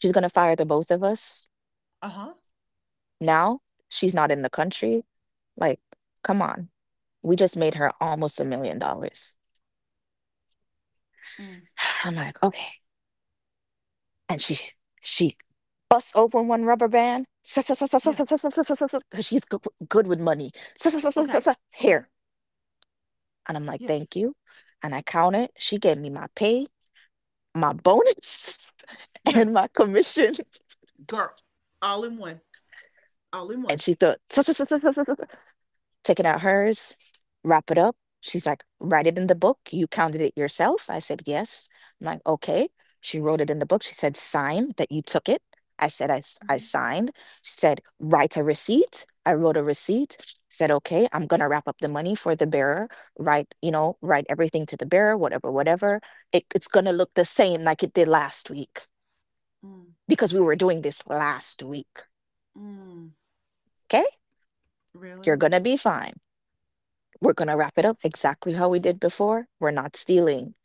Speaker 2: She's going to fire the both of us
Speaker 1: Uh-huh.
Speaker 2: now. She's not in the country. Like, come on. We just made her almost $1 million.
Speaker 1: mm,
Speaker 2: I'm like, okay. And she Bust open one rubber band. Because
Speaker 1: Yes.
Speaker 2: she's good with money.
Speaker 1: Okay. Okay.
Speaker 2: Here. And I'm like, thank
Speaker 1: Yes.
Speaker 2: you. And I count it. She gave me my pay, my bonus, and my
Speaker 1: Yes.
Speaker 2: commission.
Speaker 1: Girl. All in one. All in
Speaker 2: And
Speaker 1: one.
Speaker 2: she thought, taking out hers, wrap it up. She's like, write it in the book. You counted it yourself. I said, yes. I'm like, okay. She wrote it in the book. She said, sign that you took it. I said, I
Speaker 1: Mm-hmm.
Speaker 2: signed. She said, write a receipt. I wrote a receipt. Said, okay, I'm going to wrap up the money for the bearer. Write, write everything to the bearer, whatever, whatever. It's going to look the same like it did last week
Speaker 1: Mm,
Speaker 2: because we were doing this last week.
Speaker 1: mm.
Speaker 2: Okay. You're
Speaker 1: Really?
Speaker 2: going to be fine. We're going to wrap it up exactly how we did before. We're not stealing.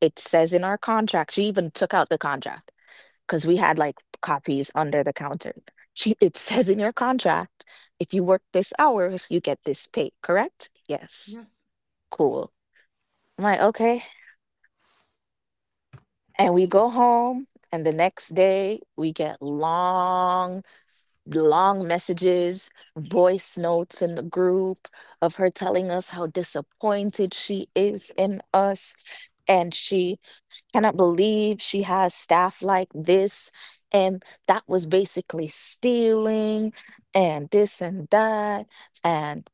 Speaker 2: It says in our contract, she even took out the contract because we had like copies under the counter. She, it says in your contract, if you work this hours, you get this pay, correct? Yes.
Speaker 1: Yes.
Speaker 2: Cool. I'm like, okay. And we go home, and the next day we get long messages, voice notes in the group of her telling us how disappointed she is in us. And she cannot believe she has staff like this. And that was basically stealing and this and that. And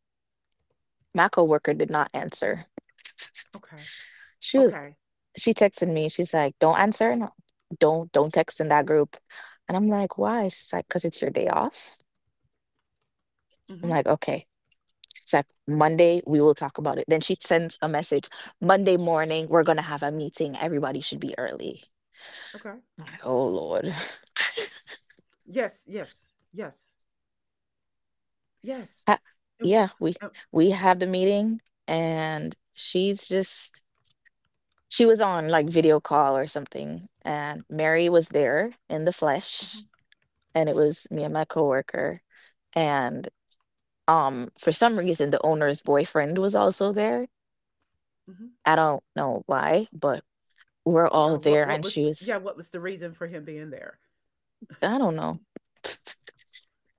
Speaker 2: my coworker did not answer.
Speaker 1: Okay.
Speaker 2: She was
Speaker 1: Okay.
Speaker 2: she texted me. She's like, "Don't answer. And Don't text in that group." And I'm like, "Why?" She's like, "Cause it's your day off." I'm
Speaker 1: Mm-hmm.
Speaker 2: like, "Okay." Monday, we will talk about it. Then she sends a message Monday morning, we're going to have a meeting. Everybody should be early.
Speaker 1: Okay.
Speaker 2: I'm like, oh, Lord.
Speaker 1: Yes. Yes. Yes. Yes.
Speaker 2: Ha-
Speaker 1: And what?
Speaker 2: yeah,
Speaker 1: Uh,
Speaker 2: we had the meeting and she's just, she was on like video call or something. And Mary was there in the flesh.
Speaker 1: mm-hmm,
Speaker 2: And it was me and my coworker. And for some reason, the owner's boyfriend was also there.
Speaker 1: hmm
Speaker 2: I don't know why, but we're all
Speaker 1: Yeah. What?
Speaker 2: there.
Speaker 1: What
Speaker 2: And
Speaker 1: was?
Speaker 2: she
Speaker 1: Yeah.
Speaker 2: was
Speaker 1: What was the reason for him being there?
Speaker 2: I don't know.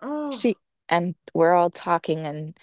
Speaker 1: Oh.
Speaker 2: She and we're all talking and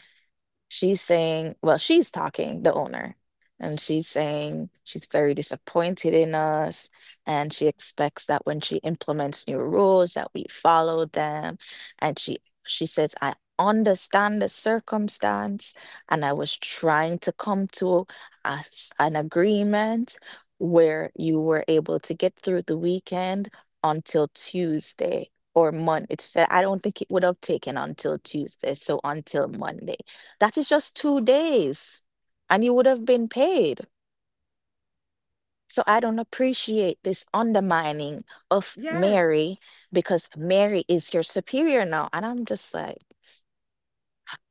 Speaker 2: she's saying well, she's talking, the owner, and she's saying she's very disappointed in us, and she expects that when she implements new rules that we follow them, and she says, "I understand the circumstance, and I was trying to come to a s an agreement where you were able to get through the weekend until Tuesday." Or Monday. She said, I don't think it would have taken until Tuesday, so until Monday. That is just 2 days, and you would have been paid. So I don't appreciate this undermining of
Speaker 1: Yes.
Speaker 2: Mary because Mary is your superior now. And I'm just like,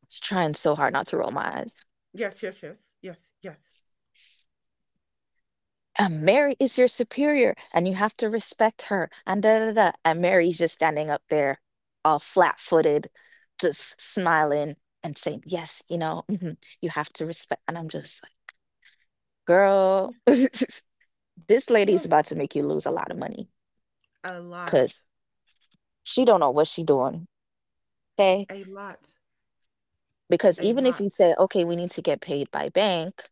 Speaker 2: it's trying so hard not to roll my eyes.
Speaker 1: Yes. Yes. Yes. Yes. Yes.
Speaker 2: And Mary is your superior, and you have to respect her. And da da da. And Mary's just standing up there, all flat footed, just smiling and saying, yes, mhm, you have to respect. And I'm just like, girl,
Speaker 1: Yes.
Speaker 2: this lady is about
Speaker 1: Yes.
Speaker 2: to make you lose a lot of money
Speaker 1: A lot.
Speaker 2: because she don't know what she doing, okay,
Speaker 1: A lot.
Speaker 2: because
Speaker 1: A
Speaker 2: even if
Speaker 1: lot.
Speaker 2: you say okay we need to get paid by bank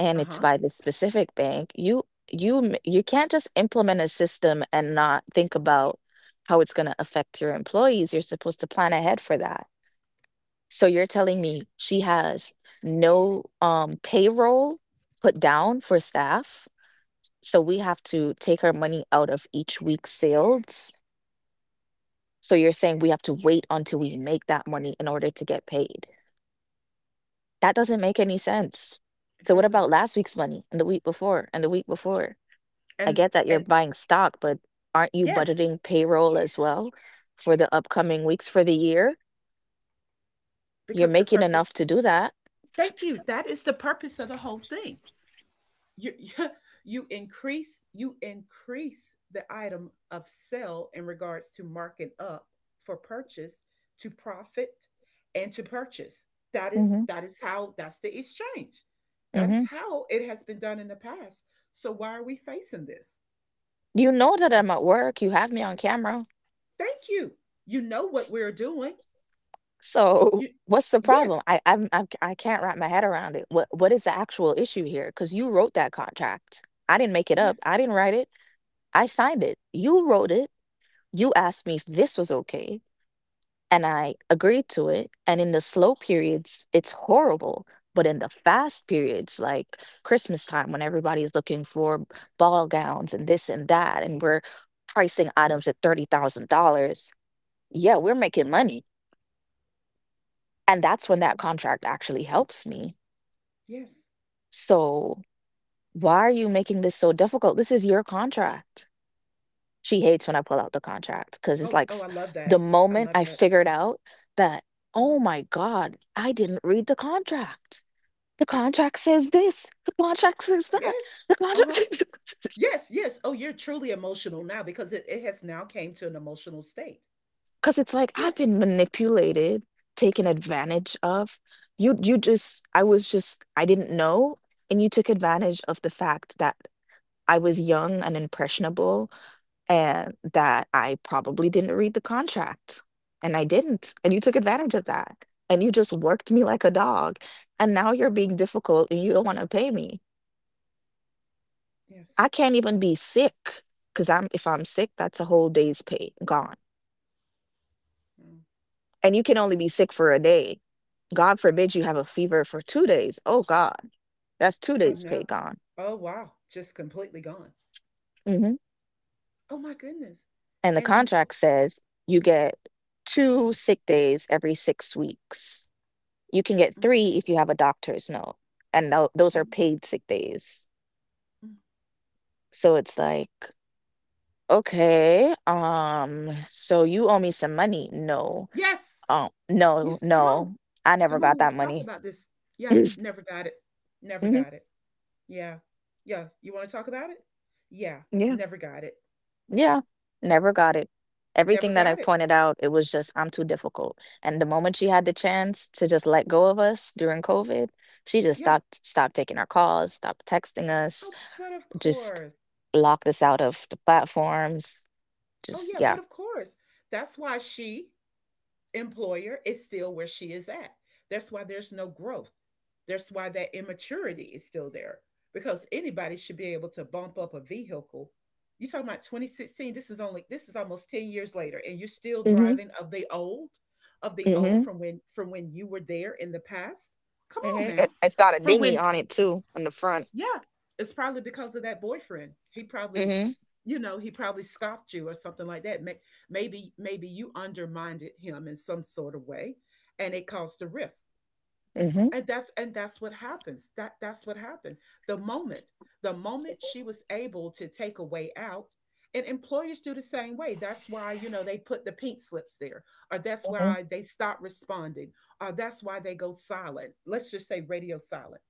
Speaker 2: and
Speaker 1: Uh
Speaker 2: it's
Speaker 1: huh.
Speaker 2: by this specific bank, you can't just implement a system and not think about how it's going to affect your employees. You're supposed to plan ahead for that. So you're telling me she has no payroll put down for staff, so we have to take her money out of each week's sales? So you're saying we have to wait until we make that money in order to get paid? That doesn't make any sense.
Speaker 1: It
Speaker 2: So what
Speaker 1: doesn't.
Speaker 2: about last week's money and the week before and the week before? I
Speaker 1: And
Speaker 2: get that you're
Speaker 1: and
Speaker 2: buying stock, but aren't you
Speaker 1: yes,
Speaker 2: budgeting payroll as well for the upcoming weeks for the year? You're
Speaker 1: because the
Speaker 2: making
Speaker 1: purpose.
Speaker 2: enough to do that.
Speaker 1: Thank you. That is the purpose of the whole thing. You yeah, you increase the item of sell in regards to marking up for purchase to profit and to purchase. That is
Speaker 2: Mhm,
Speaker 1: how that's the exchange, that is
Speaker 2: mhm.
Speaker 1: how it has been done in the past. So why are we facing this?
Speaker 2: You know that I'm at work. You have me on camera.
Speaker 1: Thank you. You know what we're doing.
Speaker 2: So
Speaker 1: You
Speaker 2: what's the problem?
Speaker 1: Yes,
Speaker 2: I I'm I can't wrap my head around it. What is the actual issue here? Because you wrote that contract. I didn't make it up.
Speaker 1: yes,
Speaker 2: I didn't write it. I signed it. You wrote it. You asked me if this was okay. And I agreed to it, and in the slow periods, it's horrible, but in the fast periods, like Christmas time when everybody is looking for ball gowns and this and that, and we're pricing items at $30,000, yeah, we're making money. And that's when that contract actually helps me.
Speaker 1: yes.
Speaker 2: So why are you making this so difficult? This is your contract. She hates when I pull out the contract because it's
Speaker 1: Oh,
Speaker 2: like
Speaker 1: oh, I love
Speaker 2: the
Speaker 1: that. I
Speaker 2: moment
Speaker 1: love
Speaker 2: I
Speaker 1: that.
Speaker 2: figured out that, oh
Speaker 1: Uh-huh.
Speaker 2: my God, I didn't read the contract. The contract says this. The contract says that.
Speaker 1: Yes.
Speaker 2: The contract
Speaker 1: Uh-huh.
Speaker 2: says
Speaker 1: Yes, yes. Oh, you're truly emotional now because it has now came to an emotional state.
Speaker 2: because it's like I've
Speaker 1: Yes,
Speaker 2: been manipulated, taken advantage of. You just I was just I didn't know, and you took advantage of the fact that I was young and impressionable, and that I probably didn't read the contract, and I didn't, and you took advantage of that, and you just worked me like a dog, and now you're being difficult, and you don't want to pay me. I
Speaker 1: yes.
Speaker 2: can't even be sick, because 'cause I'm if I'm sick, that's a whole day's pay gone.
Speaker 1: Mm,
Speaker 2: And you can only be sick for a day. God forbid you have a fever for 2 days. Oh God, that's 2
Speaker 1: I
Speaker 2: days pay
Speaker 1: know.
Speaker 2: gone.
Speaker 1: Oh, wow. Just completely gone.
Speaker 2: Mhm.
Speaker 1: Oh, my goodness.
Speaker 2: And the
Speaker 1: And imp-
Speaker 2: contract says you get 2 sick days every 6 weeks. You can get
Speaker 1: mm,
Speaker 2: 3 if you have a doctor's note, and those are
Speaker 1: mhm,
Speaker 2: paid sick days.
Speaker 1: mm.
Speaker 2: So it's like, "Okay, so you owe me some money." "No."
Speaker 1: Yes,
Speaker 2: "Oh, no,
Speaker 1: yes. Come on.
Speaker 2: no, I never
Speaker 1: Come
Speaker 2: got
Speaker 1: on.
Speaker 2: that
Speaker 1: Let's talk
Speaker 2: money."
Speaker 1: about this. Yeah, never got it. Never
Speaker 2: Mhm.
Speaker 1: got it. Yeah. Yeah. You want to talk about it? Yeah,
Speaker 2: Yeah.
Speaker 1: never got it.
Speaker 2: Yeah. Never got it.
Speaker 1: Never
Speaker 2: Everything that I
Speaker 1: got it.
Speaker 2: pointed out, it was just, "I'm too difficult." And the moment she had the chance to just let go of us during COVID, she just
Speaker 1: Yeah.
Speaker 2: stopped taking our calls, stopped texting us,
Speaker 1: Oh, but of
Speaker 2: just
Speaker 1: course.
Speaker 2: locked us out of the platforms.
Speaker 1: Oh,
Speaker 2: Just
Speaker 1: yeah,
Speaker 2: yeah.
Speaker 1: but of course. That's why she employer is still where she is at. That's why there's no growth. That's why that immaturity is still there because anybody should be able to bump up a vehicle. You talking about 2016? This is almost 10 years later, and you're still
Speaker 2: Mhm.
Speaker 1: driving of the old
Speaker 2: Mhm.
Speaker 1: from when you were there in the past. Come on
Speaker 2: Mhm.
Speaker 1: now,
Speaker 2: It's got a
Speaker 1: from
Speaker 2: dinghy
Speaker 1: when
Speaker 2: on it too, on the front.
Speaker 1: yeah, it's probably because of that boyfriend. He probably,
Speaker 2: Mhm.
Speaker 1: you know, he probably scoffed you or something like that. Maybe, maybe you undermined him in some sort of way, and it caused a rift.
Speaker 2: Mhm.
Speaker 1: And that's what happens. That's what happened. The moment, the moment she was able to take a way out, and employers do the same way. That's why, you know, they put the pink slips there, or that's
Speaker 2: Mhm.
Speaker 1: why they stop responding, or that's why they go silent. Let's just say radio silent.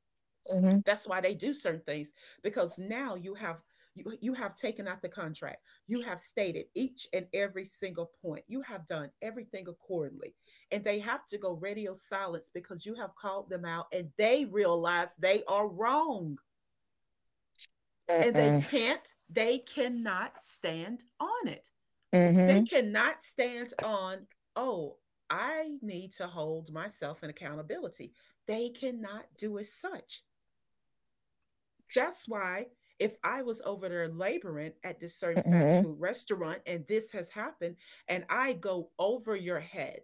Speaker 2: Mhm.
Speaker 1: That's why they do certain things, because now you have you have taken out the contract. You have stated each and every single point. You have done everything accordingly. And they have to go radio silence because you have called them out and they realize they are wrong. And they
Speaker 2: Mm-mm.
Speaker 1: can't, They cannot stand on it. They
Speaker 2: Mhm.
Speaker 1: cannot stand on, oh, I need to hold myself in accountability. They cannot do as such. That's why if I was over there laboring at this certain fast
Speaker 2: Mhm.
Speaker 1: food restaurant and this has happened, and I go over your head,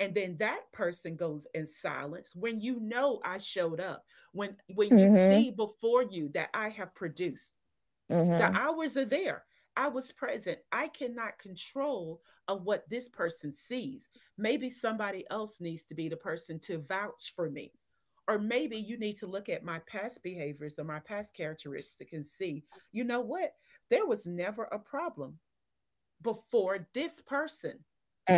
Speaker 1: and then that person goes in silence, when you know I showed up, when you
Speaker 2: Mhm.
Speaker 1: see before you that I have produced, the
Speaker 2: Mhm.
Speaker 1: hours are there. I was present. I cannot control of what this person sees. Maybe somebody else needs to be the person to vouch for me. Or maybe you need to look at my past behaviors or my past characteristics and see, you know what? There was never a problem before this person,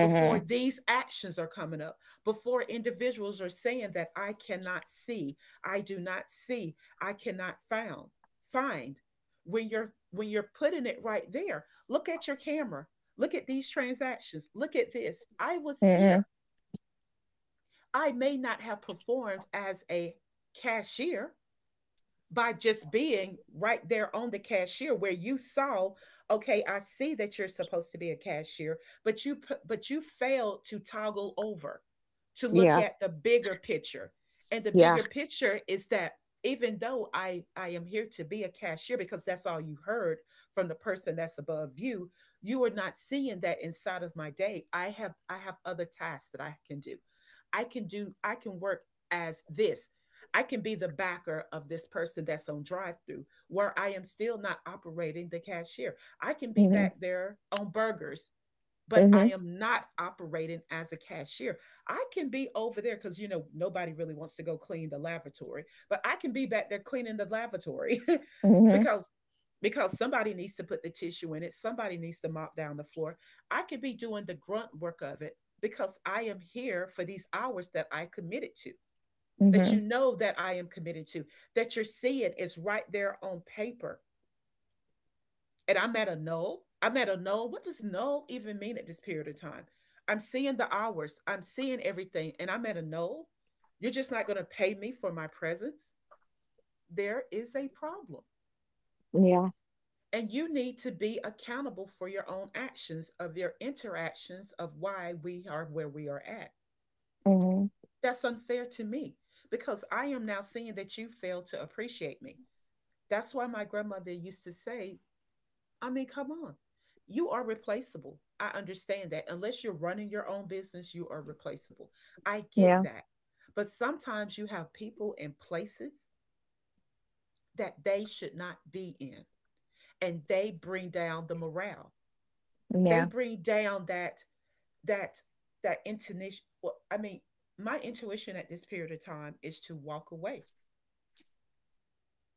Speaker 1: before these actions are coming up, before individuals are saying that I cannot see, I do not see, I cannot found, find. When you're putting it right there, look at your camera. Look at these transactions. Look at this. I was
Speaker 2: Mhm.
Speaker 1: here. I may not have performed as a cashier, by just being right there on the cashier where you saw, okay, I see that you're supposed to be a cashier, but but you failed to toggle over to look
Speaker 2: Yeah.
Speaker 1: at the bigger picture. And the
Speaker 2: Yeah.
Speaker 1: bigger picture is that even though I am here to be a cashier because that's all you heard from the person that's above you, you are not seeing that inside of my day I have other tasks that I can do. I can work as this. I can be the backer of this person that's on drive through where I am still not operating the cashier. I can be
Speaker 2: Mhm,
Speaker 1: back there on burgers, but I
Speaker 2: mhm,
Speaker 1: am not operating as a cashier. I can be over there because, you know, nobody really wants to go clean the lavatory, but I can be back there cleaning the lavatory
Speaker 2: mhm,
Speaker 1: because. Because somebody needs to put the tissue in it, somebody needs to mop down the floor. I could be doing the grunt work of it because I am here for these hours that I committed to, that you
Speaker 2: mhm.
Speaker 1: know that I am committed to, that you're seeing is right there on paper. And I'm at a null. I'm at a null. What does null even mean at this period of time? I'm seeing the hours, I'm seeing everything, and I'm at a null. You're just not going to pay me for my presence. There is a problem.
Speaker 2: Yeah,
Speaker 1: And you need to be accountable for your own actions, of your interactions, of why we are where we are at.
Speaker 2: mhm,
Speaker 1: That's unfair to me because I am now seeing that you fail to appreciate me. That's why my grandmother used to say, I mean, come on, you are replaceable. I understand that. Unless you're running your own business, you are replaceable. I get
Speaker 2: yeah,
Speaker 1: that. But sometimes you have people in places that they should not be in, and they bring down the morale.
Speaker 2: yeah,
Speaker 1: They bring down that that intuition. Well, I mean, my intuition at this period of time is to walk away.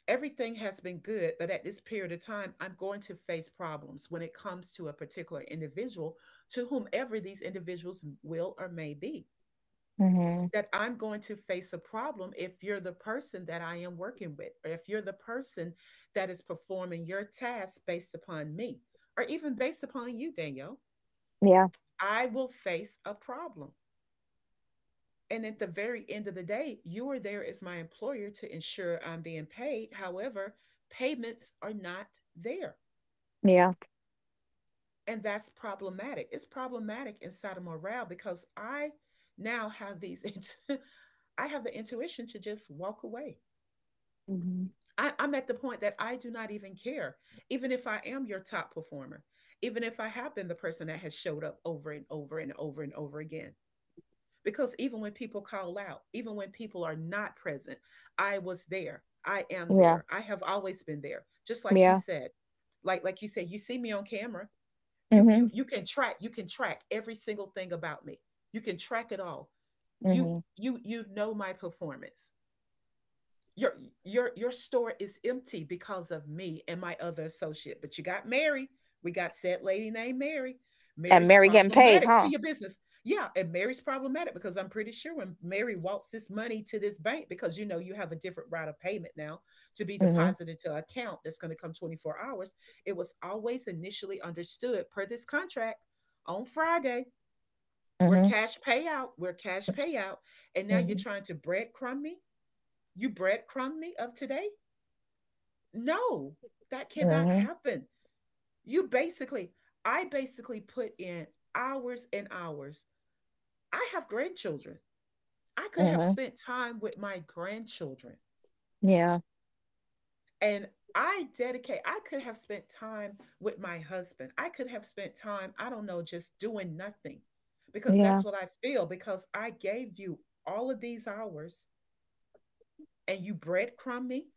Speaker 1: Everything has been good, but at this period of time, I'm going to face problems when it comes to a particular individual, to whomever these individuals will or may be.
Speaker 2: mhm,
Speaker 1: That I'm going to face a problem if you're the person that I am working with, or if you're the person that is performing your task based upon me, or even based upon you, Danielle.
Speaker 2: yeah,
Speaker 1: I will face a problem. And at the very end of the day, you are there as my employer to ensure I'm being paid. However, payments are not there.
Speaker 2: yeah,
Speaker 1: And that's problematic. It's problematic in Sodom morale because I now have these, I have the intuition to just walk away.
Speaker 2: mhm,
Speaker 1: I'm at the point that I do not even care, even if I am your top performer, even if I have been the person that has showed up over and over and over and over again. Because even when people call out, even when people are not present, I was there. I am
Speaker 2: yeah,
Speaker 1: there. I have always been there. Just like you
Speaker 2: yeah,
Speaker 1: said, like you said, you see me on camera. You
Speaker 2: mhm,
Speaker 1: you you can track, you can track every single thing about me. You can track it all. You
Speaker 2: mhm.
Speaker 1: you you know my performance. Your your your store is empty because of me and my other associate. But you got Mary. We got said lady named Mary.
Speaker 2: And
Speaker 1: Mary's
Speaker 2: Mary getting paid,
Speaker 1: problematic to
Speaker 2: huh?
Speaker 1: your business. Yeah, and Mary's problematic because I'm pretty sure when Mary walks this money to this bank, because you know you have a different route of payment now to be
Speaker 2: Mhm,
Speaker 1: deposited to an account that's going to come 24 hours. It was always initially understood per this contract on Friday. We're
Speaker 2: mhm,
Speaker 1: cash payout. We're cash payout. And now you're
Speaker 2: mhm,
Speaker 1: trying to breadcrumb me. You breadcrumb me of today. No, that cannot
Speaker 2: mhm,
Speaker 1: happen. You basically, I basically put in hours and hours. I have grandchildren. I could have
Speaker 2: mhm.
Speaker 1: spent time with my grandchildren,
Speaker 2: Yeah,
Speaker 1: and I could have spent time with my husband. I could have spent time, I don't know, just doing nothing because
Speaker 2: yeah,
Speaker 1: that's what I feel because I gave you all of these hours and you breadcrumb me.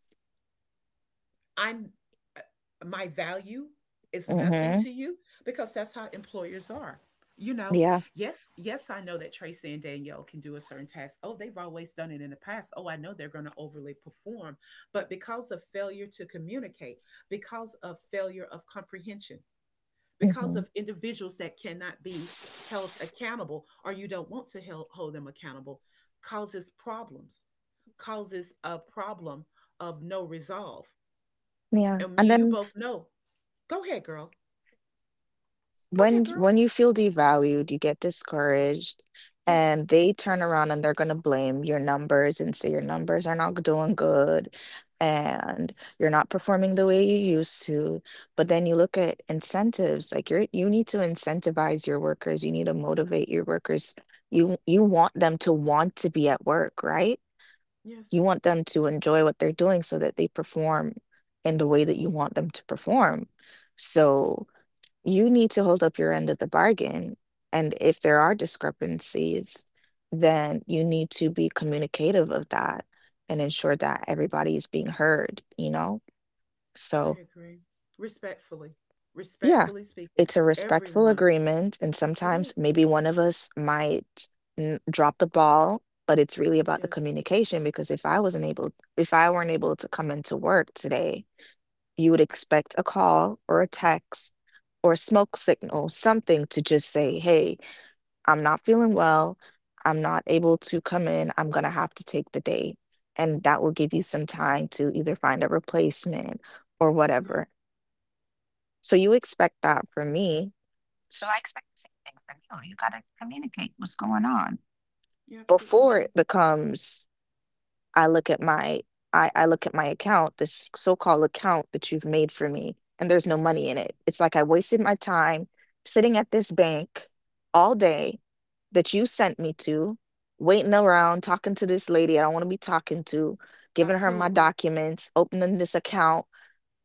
Speaker 1: I'm uh, my value is nothing
Speaker 2: mhm,
Speaker 1: to you because that's how employers are. You know,
Speaker 2: yeah,
Speaker 1: yes, I know that Tracy and Danielle can do a certain task. Oh, they've always done it in the past. Oh, I know they're going to overly perform. But because of failure to communicate, because of failure of comprehension, because
Speaker 2: mhm,
Speaker 1: of individuals that cannot be held accountable, or you don't want to hold them accountable, causes problems, causes a problem of no resolve,
Speaker 2: yeah.
Speaker 1: and me
Speaker 2: And
Speaker 1: and you
Speaker 2: then
Speaker 1: both know. Go ahead, girl. Go ahead, girl.
Speaker 2: when you feel devalued, you get discouraged,
Speaker 1: Yes.
Speaker 2: and they turn around and they're going to blame your numbers and say your numbers are not doing good and you're not performing the way you used to. But then you look at incentives, like you need to incentivize your workers, you need to motivate your workers. You want them to want to be at work, right? You
Speaker 1: Yes.
Speaker 2: want them to enjoy what they're doing so that they perform in the way that you want them to perform. So you need to hold up your end of the bargain, and if there are discrepancies, then you need to be communicative of that and ensure that everybody is being heard, you know?
Speaker 1: I
Speaker 2: So,
Speaker 1: agree. Respectfully.
Speaker 2: yeah,
Speaker 1: Respectfully speaking.
Speaker 2: it's a respectful
Speaker 1: Everyone.
Speaker 2: agreement, and
Speaker 1: It
Speaker 2: sometimes
Speaker 1: is.
Speaker 2: maybe one of us might n drop the ball, but it's really about the
Speaker 1: Yes.
Speaker 2: communication because if I weren't able to come into work today, you would expect a call or a text or a smoke signal, something to just say, "Hey, I'm not feeling well. I'm not able to come in. I'm going to have to take the day. And that will give you some time to either find a replacement or
Speaker 1: Yeah,
Speaker 2: whatever. So you expect that from me. So I expect the same thing from you. You got to communicate what's going on
Speaker 1: you're absolutely
Speaker 2: before
Speaker 1: right.
Speaker 2: it becomes I look at my I look at my account, this so-called account that you've made for me, and there's no money in it. It's like I wasted my time sitting at this bank all day that you sent me to, waiting around, talking to this lady I don't want to be talking to, giving her my
Speaker 1: Absolutely.
Speaker 2: documents, opening this account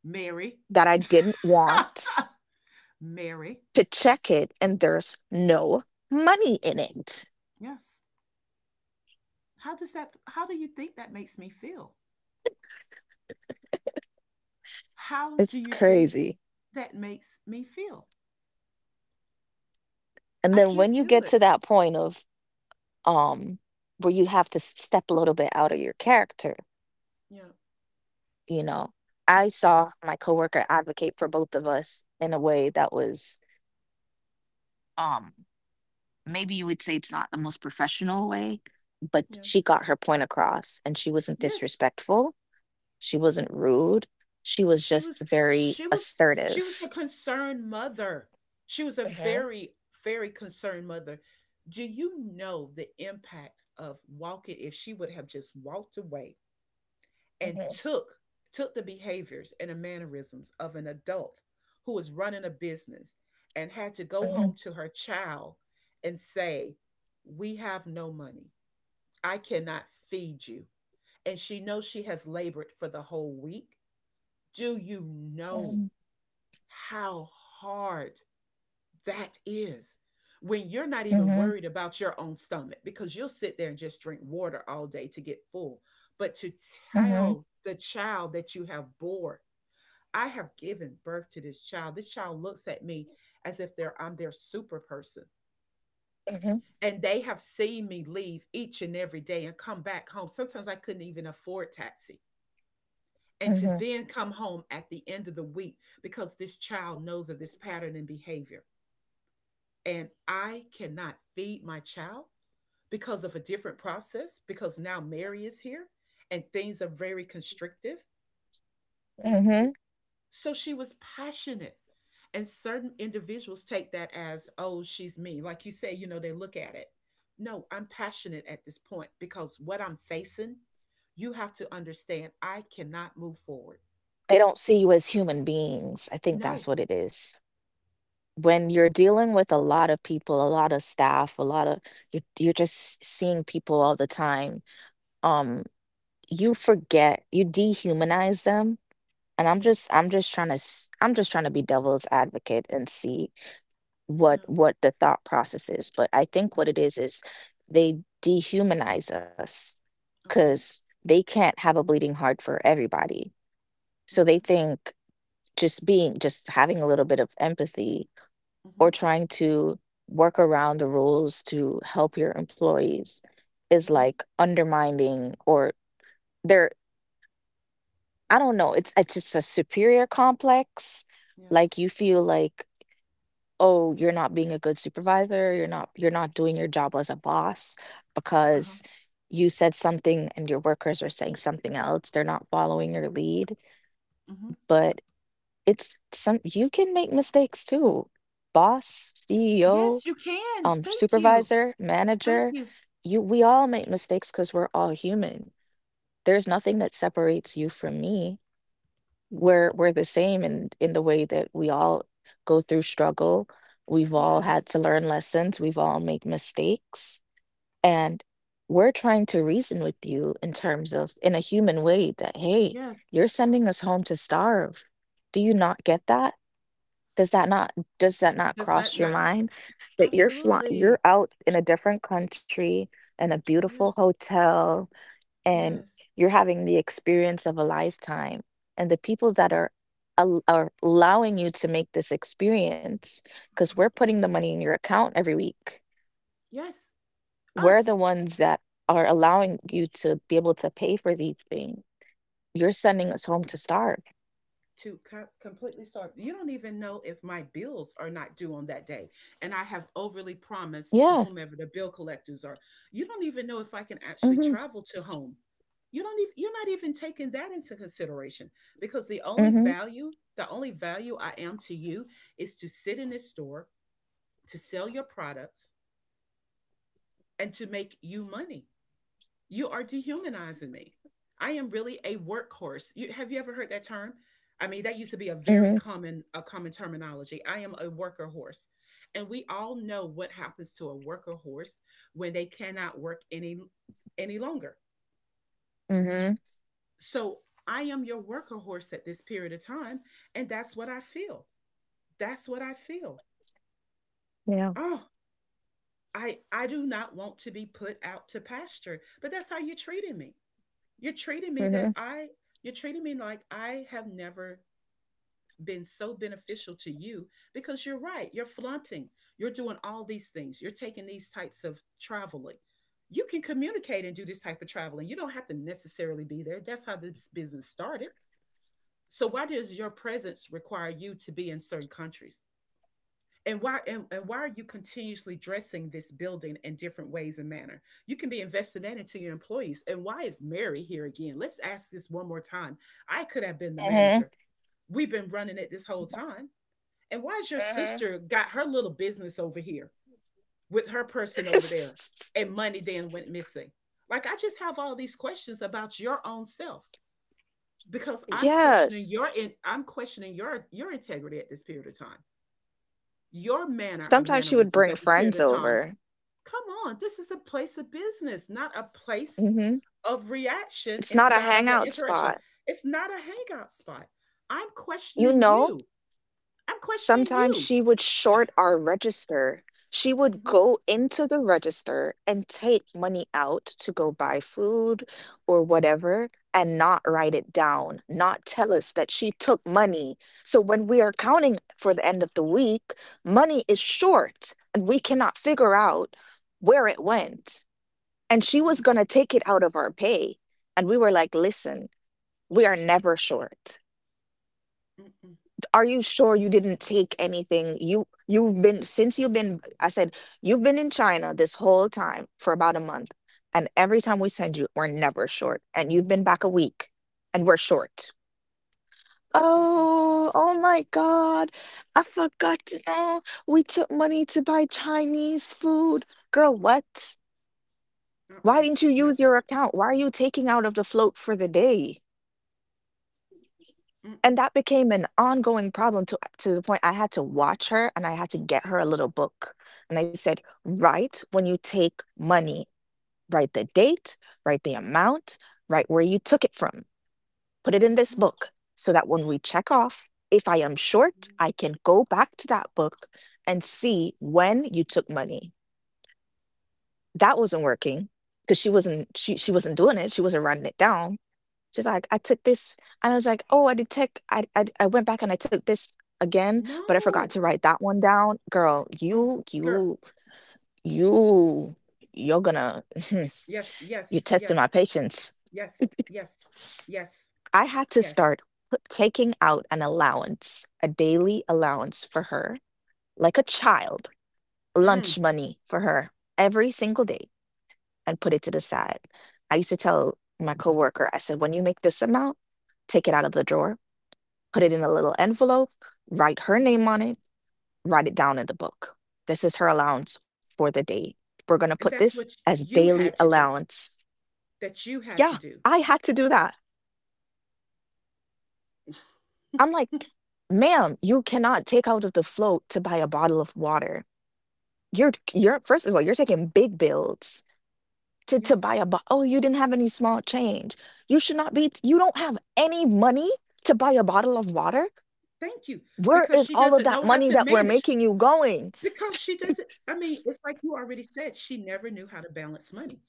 Speaker 1: Mary.
Speaker 2: that I didn't want
Speaker 1: Mary.
Speaker 2: to check it, and there's no money in it.
Speaker 1: Yes. How does that, how do you think that makes me feel? How do
Speaker 2: It's
Speaker 1: you think
Speaker 2: crazy.
Speaker 1: that makes me feel?
Speaker 2: And
Speaker 1: I
Speaker 2: then
Speaker 1: can't
Speaker 2: when you
Speaker 1: do
Speaker 2: get to
Speaker 1: it.
Speaker 2: that point of um, where you have to step a little bit out of your character,
Speaker 1: Yeah.
Speaker 2: you know. I saw my coworker advocate for both of us in a way that was um maybe you would say it's not the most professional way, but she
Speaker 1: Yes.
Speaker 2: got her point across and she wasn't
Speaker 1: Yes.
Speaker 2: disrespectful, she wasn't rude, she was
Speaker 1: she
Speaker 2: just
Speaker 1: was
Speaker 2: very
Speaker 1: she was she was
Speaker 2: assertive.
Speaker 1: a concerned mother. She was a
Speaker 2: hmm
Speaker 1: very very concerned mother. Do you know the impact of walking, if she would have just walked away and
Speaker 2: hmm
Speaker 1: took, took the behaviors and the mannerisms of an adult who was running a business and had to go
Speaker 2: hmm
Speaker 1: home to her child and say, we have no money, I cannot feed you, and she knows she has labored for the whole week. Do you know how hard that is when you're not
Speaker 2: hmm
Speaker 1: even worried about your own stomach because you'll sit there and just drink water all day to get full. But to
Speaker 2: hmm
Speaker 1: tell the child that you have bore, I have given birth to this child. This child looks at me as if they're I'm their super person.
Speaker 2: hmm
Speaker 1: And they have seen me leave each and every day and come back home. Sometimes I couldn't even afford taxi. And to
Speaker 2: hmm
Speaker 1: then come home at the end of the week because this child knows of this pattern in behavior and I cannot feed my child because of a different process, because now Mary is here and things are very constrictive.
Speaker 2: hmm
Speaker 1: So she was passionate. And certain individuals take that as, oh, she's me. Like you say, you know, they look at it. No, I'm passionate at this point because what I'm facing, you have to understand I cannot move forward.
Speaker 2: They don't see you as human beings. I think
Speaker 1: No.
Speaker 2: that's what it is. When you're dealing with a lot of people, a lot of staff, a lot of you're just seeing people all the time. Um, you forget, you dehumanize them. And I'm
Speaker 1: Yes.
Speaker 2: just, I'm just trying to, I'm just trying to be devil's advocate and see
Speaker 1: Yeah.
Speaker 2: what the thought process is. But I think what it is they dehumanize us
Speaker 1: Okay.
Speaker 2: because they can't have a bleeding heart for everybody. So they
Speaker 1: Okay.
Speaker 2: think just being, just having a little bit of empathy
Speaker 1: Mm
Speaker 2: or
Speaker 1: hmm.
Speaker 2: trying to work around the rules to help your employees is
Speaker 1: Mm hmm.
Speaker 2: like undermining or they're I don't know, it's just a superior complex.
Speaker 1: Yes.
Speaker 2: Like you feel like, oh, you're not being a good supervisor, you're not doing your job as a boss
Speaker 1: Uh huh.
Speaker 2: because you said something and your workers are saying something else. They're not following your lead.
Speaker 1: Mm hmm.
Speaker 2: But it's some you can make mistakes too. Boss, CEO,
Speaker 1: Yes, you can. Thank you.
Speaker 2: supervisor,
Speaker 1: Thank
Speaker 2: manager,
Speaker 1: you.
Speaker 2: you we all make mistakes because we're all human. There's nothing that separates you from me. We're the same in the way that we all go through struggle. We've all had
Speaker 1: Yes.
Speaker 2: to learn lessons. We've all made mistakes. And we're trying to reason with you in terms of in a human way that, hey,
Speaker 1: Yes.
Speaker 2: you're sending us home to starve. Do you not get that? Does that not
Speaker 1: Does that
Speaker 2: cross your
Speaker 1: not
Speaker 2: mind that
Speaker 1: absolutely.
Speaker 2: you're out in a different country, in a beautiful
Speaker 1: Yes.
Speaker 2: hotel, and
Speaker 1: Yes.
Speaker 2: you're having the experience of a lifetime, and the people that are al are allowing you to make this experience because 'cause we're putting the money in your account every week,
Speaker 1: Yes.
Speaker 2: we're the
Speaker 1: Us
Speaker 2: ones that are allowing you to be able to pay for these things. You're sending us home to starve.
Speaker 1: to co- completely start. You don't even know if my bills are not due on that day. And I have overly promised to
Speaker 2: Yeah.
Speaker 1: whomever the bill collectors are. You don't even know if I can actually
Speaker 2: mm
Speaker 1: travel to home. You're not even taking that into consideration because
Speaker 2: Mhm.
Speaker 1: the only value I am to you is to sit in this store, to sell your products, and to make you money. You are dehumanizing me. I am really a workhorse. You, have you ever heard that term? I mean, that used to be a
Speaker 2: Mhm.
Speaker 1: very common a common terminology. I am a worker horse. And we all know what happens to a worker horse when they cannot work any longer.
Speaker 2: Mhm. Mhm.
Speaker 1: So I am your worker horse at this period of time, and that's what I feel. That's what I feel.
Speaker 2: Yeah.
Speaker 1: Oh, I do not want to be put out to pasture, but that's how you're treating me. You're treating me that
Speaker 2: Mhm.
Speaker 1: I You're treating me like I have never been so beneficial to you because you're right. You're flaunting. You're doing all these things. You're taking these types of traveling. You can communicate and do this type of traveling. You don't have to necessarily be there. That's how this business started. So why does your presence require you to be in certain countries? And why are you continuously dressing this building in different ways and manner? You can be investing that into your employees. And why is Mary here again? Let's ask this one more time. I could have been the
Speaker 2: Mhm.
Speaker 1: manager. We've been running it this whole time. And why is your
Speaker 2: Mhm.
Speaker 1: sister got her little business over here with her person over there, and money then went missing? Like, I just have all these questions about your own self, because I'm questioning
Speaker 2: Yes.
Speaker 1: your in, I'm questioning your integrity at this period of time, your manner of
Speaker 2: Sometimes she would
Speaker 1: mannerisms
Speaker 2: bring
Speaker 1: at this period
Speaker 2: friends
Speaker 1: of time.
Speaker 2: over.
Speaker 1: Come on, this is a place of business, not a place
Speaker 2: Mhm.
Speaker 1: of reaction
Speaker 2: It's not a
Speaker 1: inside of an
Speaker 2: hangout
Speaker 1: interaction.
Speaker 2: spot.
Speaker 1: It's not a hangout spot. I'm
Speaker 2: You
Speaker 1: questioning
Speaker 2: know,
Speaker 1: you. I'm questioning
Speaker 2: sometimes
Speaker 1: you.
Speaker 2: she would short our register. She would
Speaker 1: Mhm,
Speaker 2: go into the register and take money out to go buy food or whatever and not write it down, not tell us that she took money. So when we are counting for the end of the week, money is short and we cannot figure out where it went. And she was
Speaker 1: mm,
Speaker 2: going to take it out of our pay. And we were like, listen, we are never short.
Speaker 1: mm, mm,
Speaker 2: Are you sure you didn't take anything? You you've been since you've been I said you've been in China this whole time for about a month and every time we send you we're never short and you've been back a week and we're short.
Speaker 1: mm, mm.
Speaker 2: Oh, oh my God. I forgot to know we took money to buy Chinese food. Girl, what? Why
Speaker 1: Uh-uh.
Speaker 2: didn't you
Speaker 1: Nope.
Speaker 2: use your account? Why are you taking out of the float for the day?
Speaker 1: Mm-mm.
Speaker 2: And that became an ongoing problem to the point I had to watch her and I had to get her a little book. And I said, "Write when you take money. Write the date, write the amount, write where you took it from. Put it in this
Speaker 1: Mm-hmm.
Speaker 2: book so that when we check off, if I am short, I can go back to that book and see when you took money." That wasn't working because she wasn't doing it. She wasn't writing it down. She's like, "I took this," and I was like, "Oh, I did take I went back and I took this again, but I forgot
Speaker 1: No.
Speaker 2: to write that one down." Girl,
Speaker 1: Oh, girl.
Speaker 2: you you're gonna
Speaker 1: Yes,
Speaker 2: you're
Speaker 1: yes,
Speaker 2: testing my
Speaker 1: yes,
Speaker 2: patience.
Speaker 1: yes, yes, yes,
Speaker 2: I had to
Speaker 1: yes.
Speaker 2: start taking out an allowance, a daily allowance for her, like a child,
Speaker 1: Mm.
Speaker 2: lunch money for her every single day, and put it to the side. I used to tell my coworker, I said, "When you make this amount, take it out of the drawer, put it in a little envelope, write her
Speaker 1: Hmm.
Speaker 2: name on it, write it down in the book. This is her allowance for the day. We're going to
Speaker 1: And
Speaker 2: put
Speaker 1: that's
Speaker 2: this
Speaker 1: what
Speaker 2: as
Speaker 1: you
Speaker 2: daily
Speaker 1: had to do,
Speaker 2: allowance."
Speaker 1: that you had to
Speaker 2: Yeah,
Speaker 1: do.
Speaker 2: I had to do that. I'm like, ma'am, you cannot take out of the float to buy a bottle of water. You're first of all, you're taking big bills to buy
Speaker 1: Yes.
Speaker 2: a bottle. Oh, you didn't have any small change. You should not be, you don't have any money to buy a bottle of water.
Speaker 1: Thank you,
Speaker 2: Where
Speaker 1: because
Speaker 2: is
Speaker 1: she
Speaker 2: all of
Speaker 1: doesn't
Speaker 2: that
Speaker 1: know how
Speaker 2: money
Speaker 1: to
Speaker 2: that we're
Speaker 1: manage.
Speaker 2: making you going?
Speaker 1: Because she doesn't I mean, it's like you already said, she never knew how to balance money.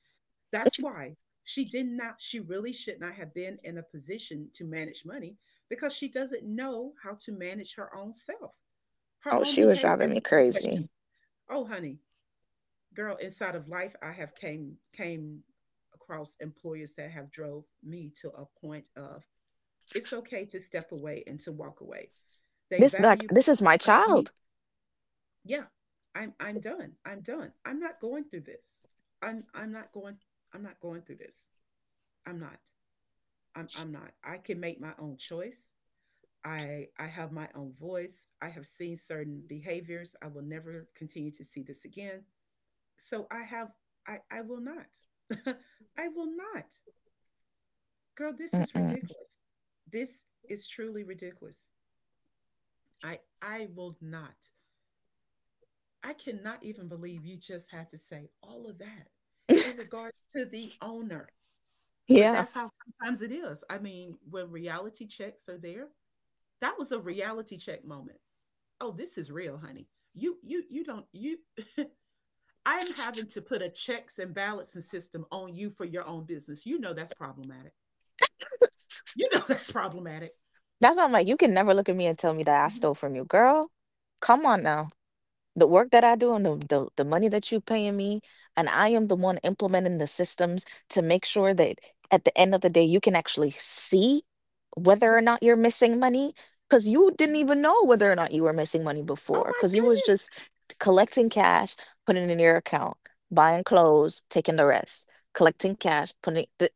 Speaker 1: That's why she really should not have been in a position to manage money, because she doesn't know how to manage her own self. Her
Speaker 2: Oh,
Speaker 1: own
Speaker 2: she was driving
Speaker 1: behaviors
Speaker 2: me
Speaker 1: and
Speaker 2: crazy.
Speaker 1: questions. Oh, honey, girl, inside of life, I have came across employers that have drove me to a point of it's okay to step away and to walk away. They
Speaker 2: This like
Speaker 1: value
Speaker 2: this is my
Speaker 1: want me,
Speaker 2: child.
Speaker 1: yeah. I'm done. I'm done. I'm not going through this. I'm not going. I'm not going through this. I'm not. I'm not. I can make my own choice. I have my own voice. I have seen certain behaviors. I will never continue to see this again. So I have, I will not. I will not. Girl, this is
Speaker 2: Mm-mm.
Speaker 1: ridiculous. This is truly ridiculous. I will not. I cannot even believe you just had to say all of that in regards to the owner. But
Speaker 2: Yeah,
Speaker 1: that's how sometimes it is. I mean, when reality checks are there, that was a reality check moment. Oh, this is real, honey. You don't you I'm having to put a checks and balancing system on you for your own business. You know that's problematic. You know that's problematic.
Speaker 2: that's why I'm like, you can never look at me and tell me that I
Speaker 1: Mhm.
Speaker 2: stole from you, girl. Come on now. The work that I do and the money that you paying me, and I am the one implementing the systems to make sure that at the end of the day you can actually see whether or
Speaker 1: Yes.
Speaker 2: not you're missing money because you didn't
Speaker 1: Mhm.
Speaker 2: even know whether or not you were missing money
Speaker 1: Oh
Speaker 2: before
Speaker 1: my
Speaker 2: because you was
Speaker 1: goodness.
Speaker 2: just collecting cash, putting it in your account, buying clothes, taking the rest, collecting cash,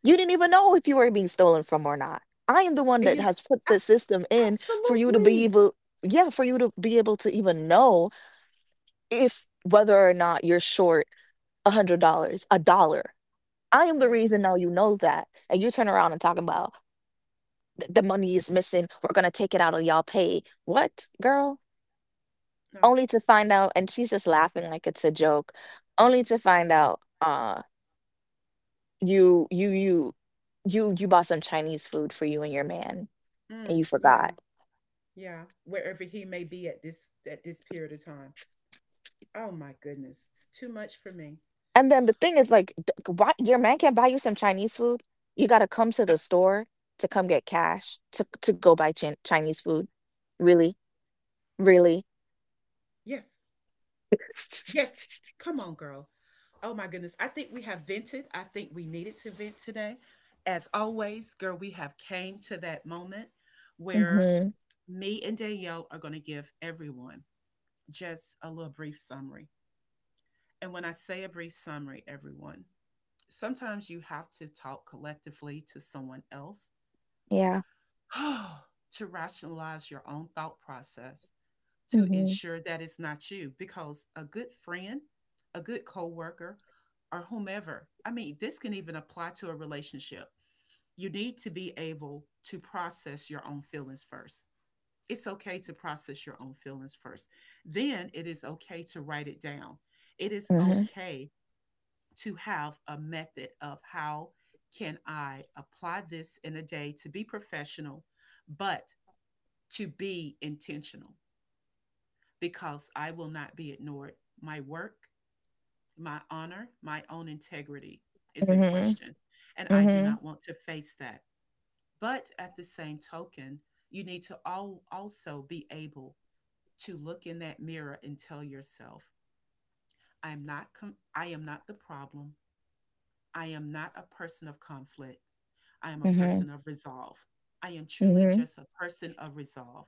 Speaker 2: you didn't even know if you were being stolen from or not. I am the one
Speaker 1: And
Speaker 2: that
Speaker 1: you
Speaker 2: has put the
Speaker 1: abs-
Speaker 2: system in for you to be
Speaker 1: absolutely.
Speaker 2: able, yeah, for you to be able to even know if whether or not you're short $100, a dollar. I am the
Speaker 1: Yes.
Speaker 2: reason now you know that. And you turn around and talk about, the money is missing. We're gonna take it out of y'all pay. What, girl?
Speaker 1: No.
Speaker 2: Only to find out, and she's just laughing like it's a joke. Only to find out, you you you you bought some Chinese food for you and your man and you
Speaker 1: Mm,
Speaker 2: forgot.
Speaker 1: yeah. Yeah, wherever he may be at this period of time. Oh my goodness, too much for me.
Speaker 2: And then the thing is, like, why your man can't buy you some Chinese food? You gotta come to
Speaker 1: Uh,
Speaker 2: the store to come get cash to go buy Chinese food. Really, really.
Speaker 1: yes, yes. Come on, girl. Oh my goodness. I think we have vented. I think we needed to vent today. As always, girl, we have came to that moment where
Speaker 2: hmm
Speaker 1: me and Danielle are going to give everyone just a little brief summary. And when I say a brief summary, everyone, sometimes you have to talk collectively to someone else
Speaker 2: Yeah.
Speaker 1: to rationalize your own thought process, to
Speaker 2: hmm
Speaker 1: ensure that it's not you, because a good friend, a good coworker, or whomever, I mean, this can even apply to a relationship. You need to be able to process your own feelings first. It's okay to process your own feelings first. Then it is okay to write it down. It is
Speaker 2: hmm
Speaker 1: okay to have a method of how can I apply this in a day to be professional, but to be intentional, because I will not be ignored. My work, my honor, my own integrity is in
Speaker 2: hmm
Speaker 1: question, and I do
Speaker 2: hmm
Speaker 1: not want to face that. But at the same token, you need to all also be able to look in that mirror and tell yourself, I am not the problem. I am not a person of conflict. I am a
Speaker 2: hmm
Speaker 1: person of resolve. I am truly
Speaker 2: hmm
Speaker 1: just a person of resolve.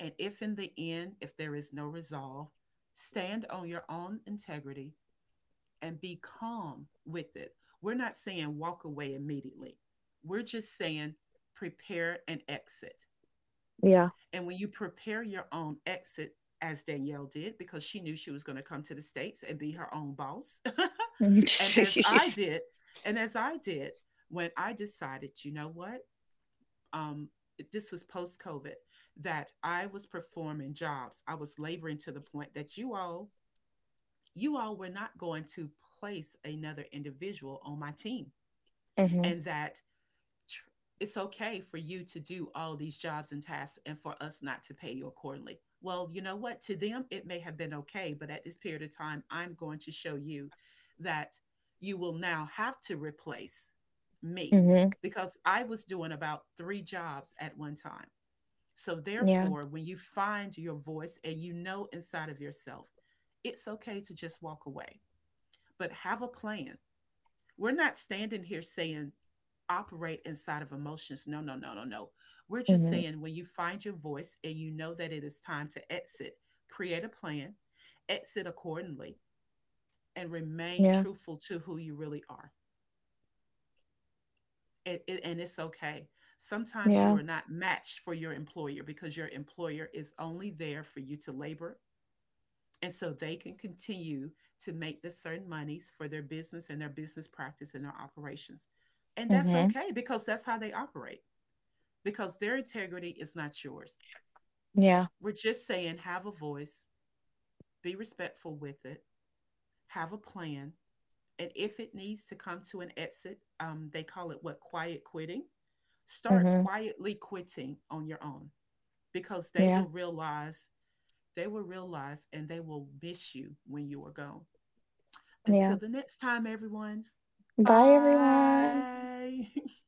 Speaker 1: And if in the end, if there is no resolve, stand on your own integrity and be calm with it. We're not saying walk away immediately, we're just saying prepare an exit.
Speaker 2: Yeah.
Speaker 1: And when you prepare your own exit, as Danielle did, because she knew she was going to come to the States and be her own boss.
Speaker 2: hmm
Speaker 1: And as I did, and as I did, when I decided, you know what? um, this was post COVID, that I was performing jobs. I was laboring to the point that you all were not going to place another individual on my team,
Speaker 2: hmm
Speaker 1: and tr- it's okay for you to do all these jobs and tasks, and for us not to pay you accordingly. Well, you know what? To them, it may have been okay, but at this period of time, I'm going to show you that you will now have to replace me,
Speaker 2: hmm
Speaker 1: because I was doing about three jobs at one time. So,
Speaker 2: Yeah.
Speaker 1: therefore, when you find your voice and you know inside of yourself, it's okay to just walk away, but have a plan. We're not standing here saying operate inside of emotions. No, no, no, no, no. We're just
Speaker 2: hmm
Speaker 1: saying when you find your voice and you know that it is time to exit, create a plan, exit accordingly, and remain
Speaker 2: Yeah.
Speaker 1: truthful to who you really are. And it's okay. Sometimes
Speaker 2: Yeah.
Speaker 1: you are not matched for your employer because your employer is only there for you to labor, and so they can continue to make the certain monies for their business and their business practice and their operations, and that's
Speaker 2: hmm
Speaker 1: okay because that's how they operate, because their integrity is not yours.
Speaker 2: Yeah.
Speaker 1: We're just saying have a voice, be respectful with it, have a plan, and if it needs to come to an exit, they call it what, quiet quitting. Start
Speaker 2: hmm
Speaker 1: quietly quitting on your own, because they
Speaker 2: Yeah.
Speaker 1: will realize, they will realize, and they will miss you when you are gone.
Speaker 2: Yeah.
Speaker 1: Until the next time, everyone.
Speaker 2: Bye, everyone.
Speaker 1: Bye.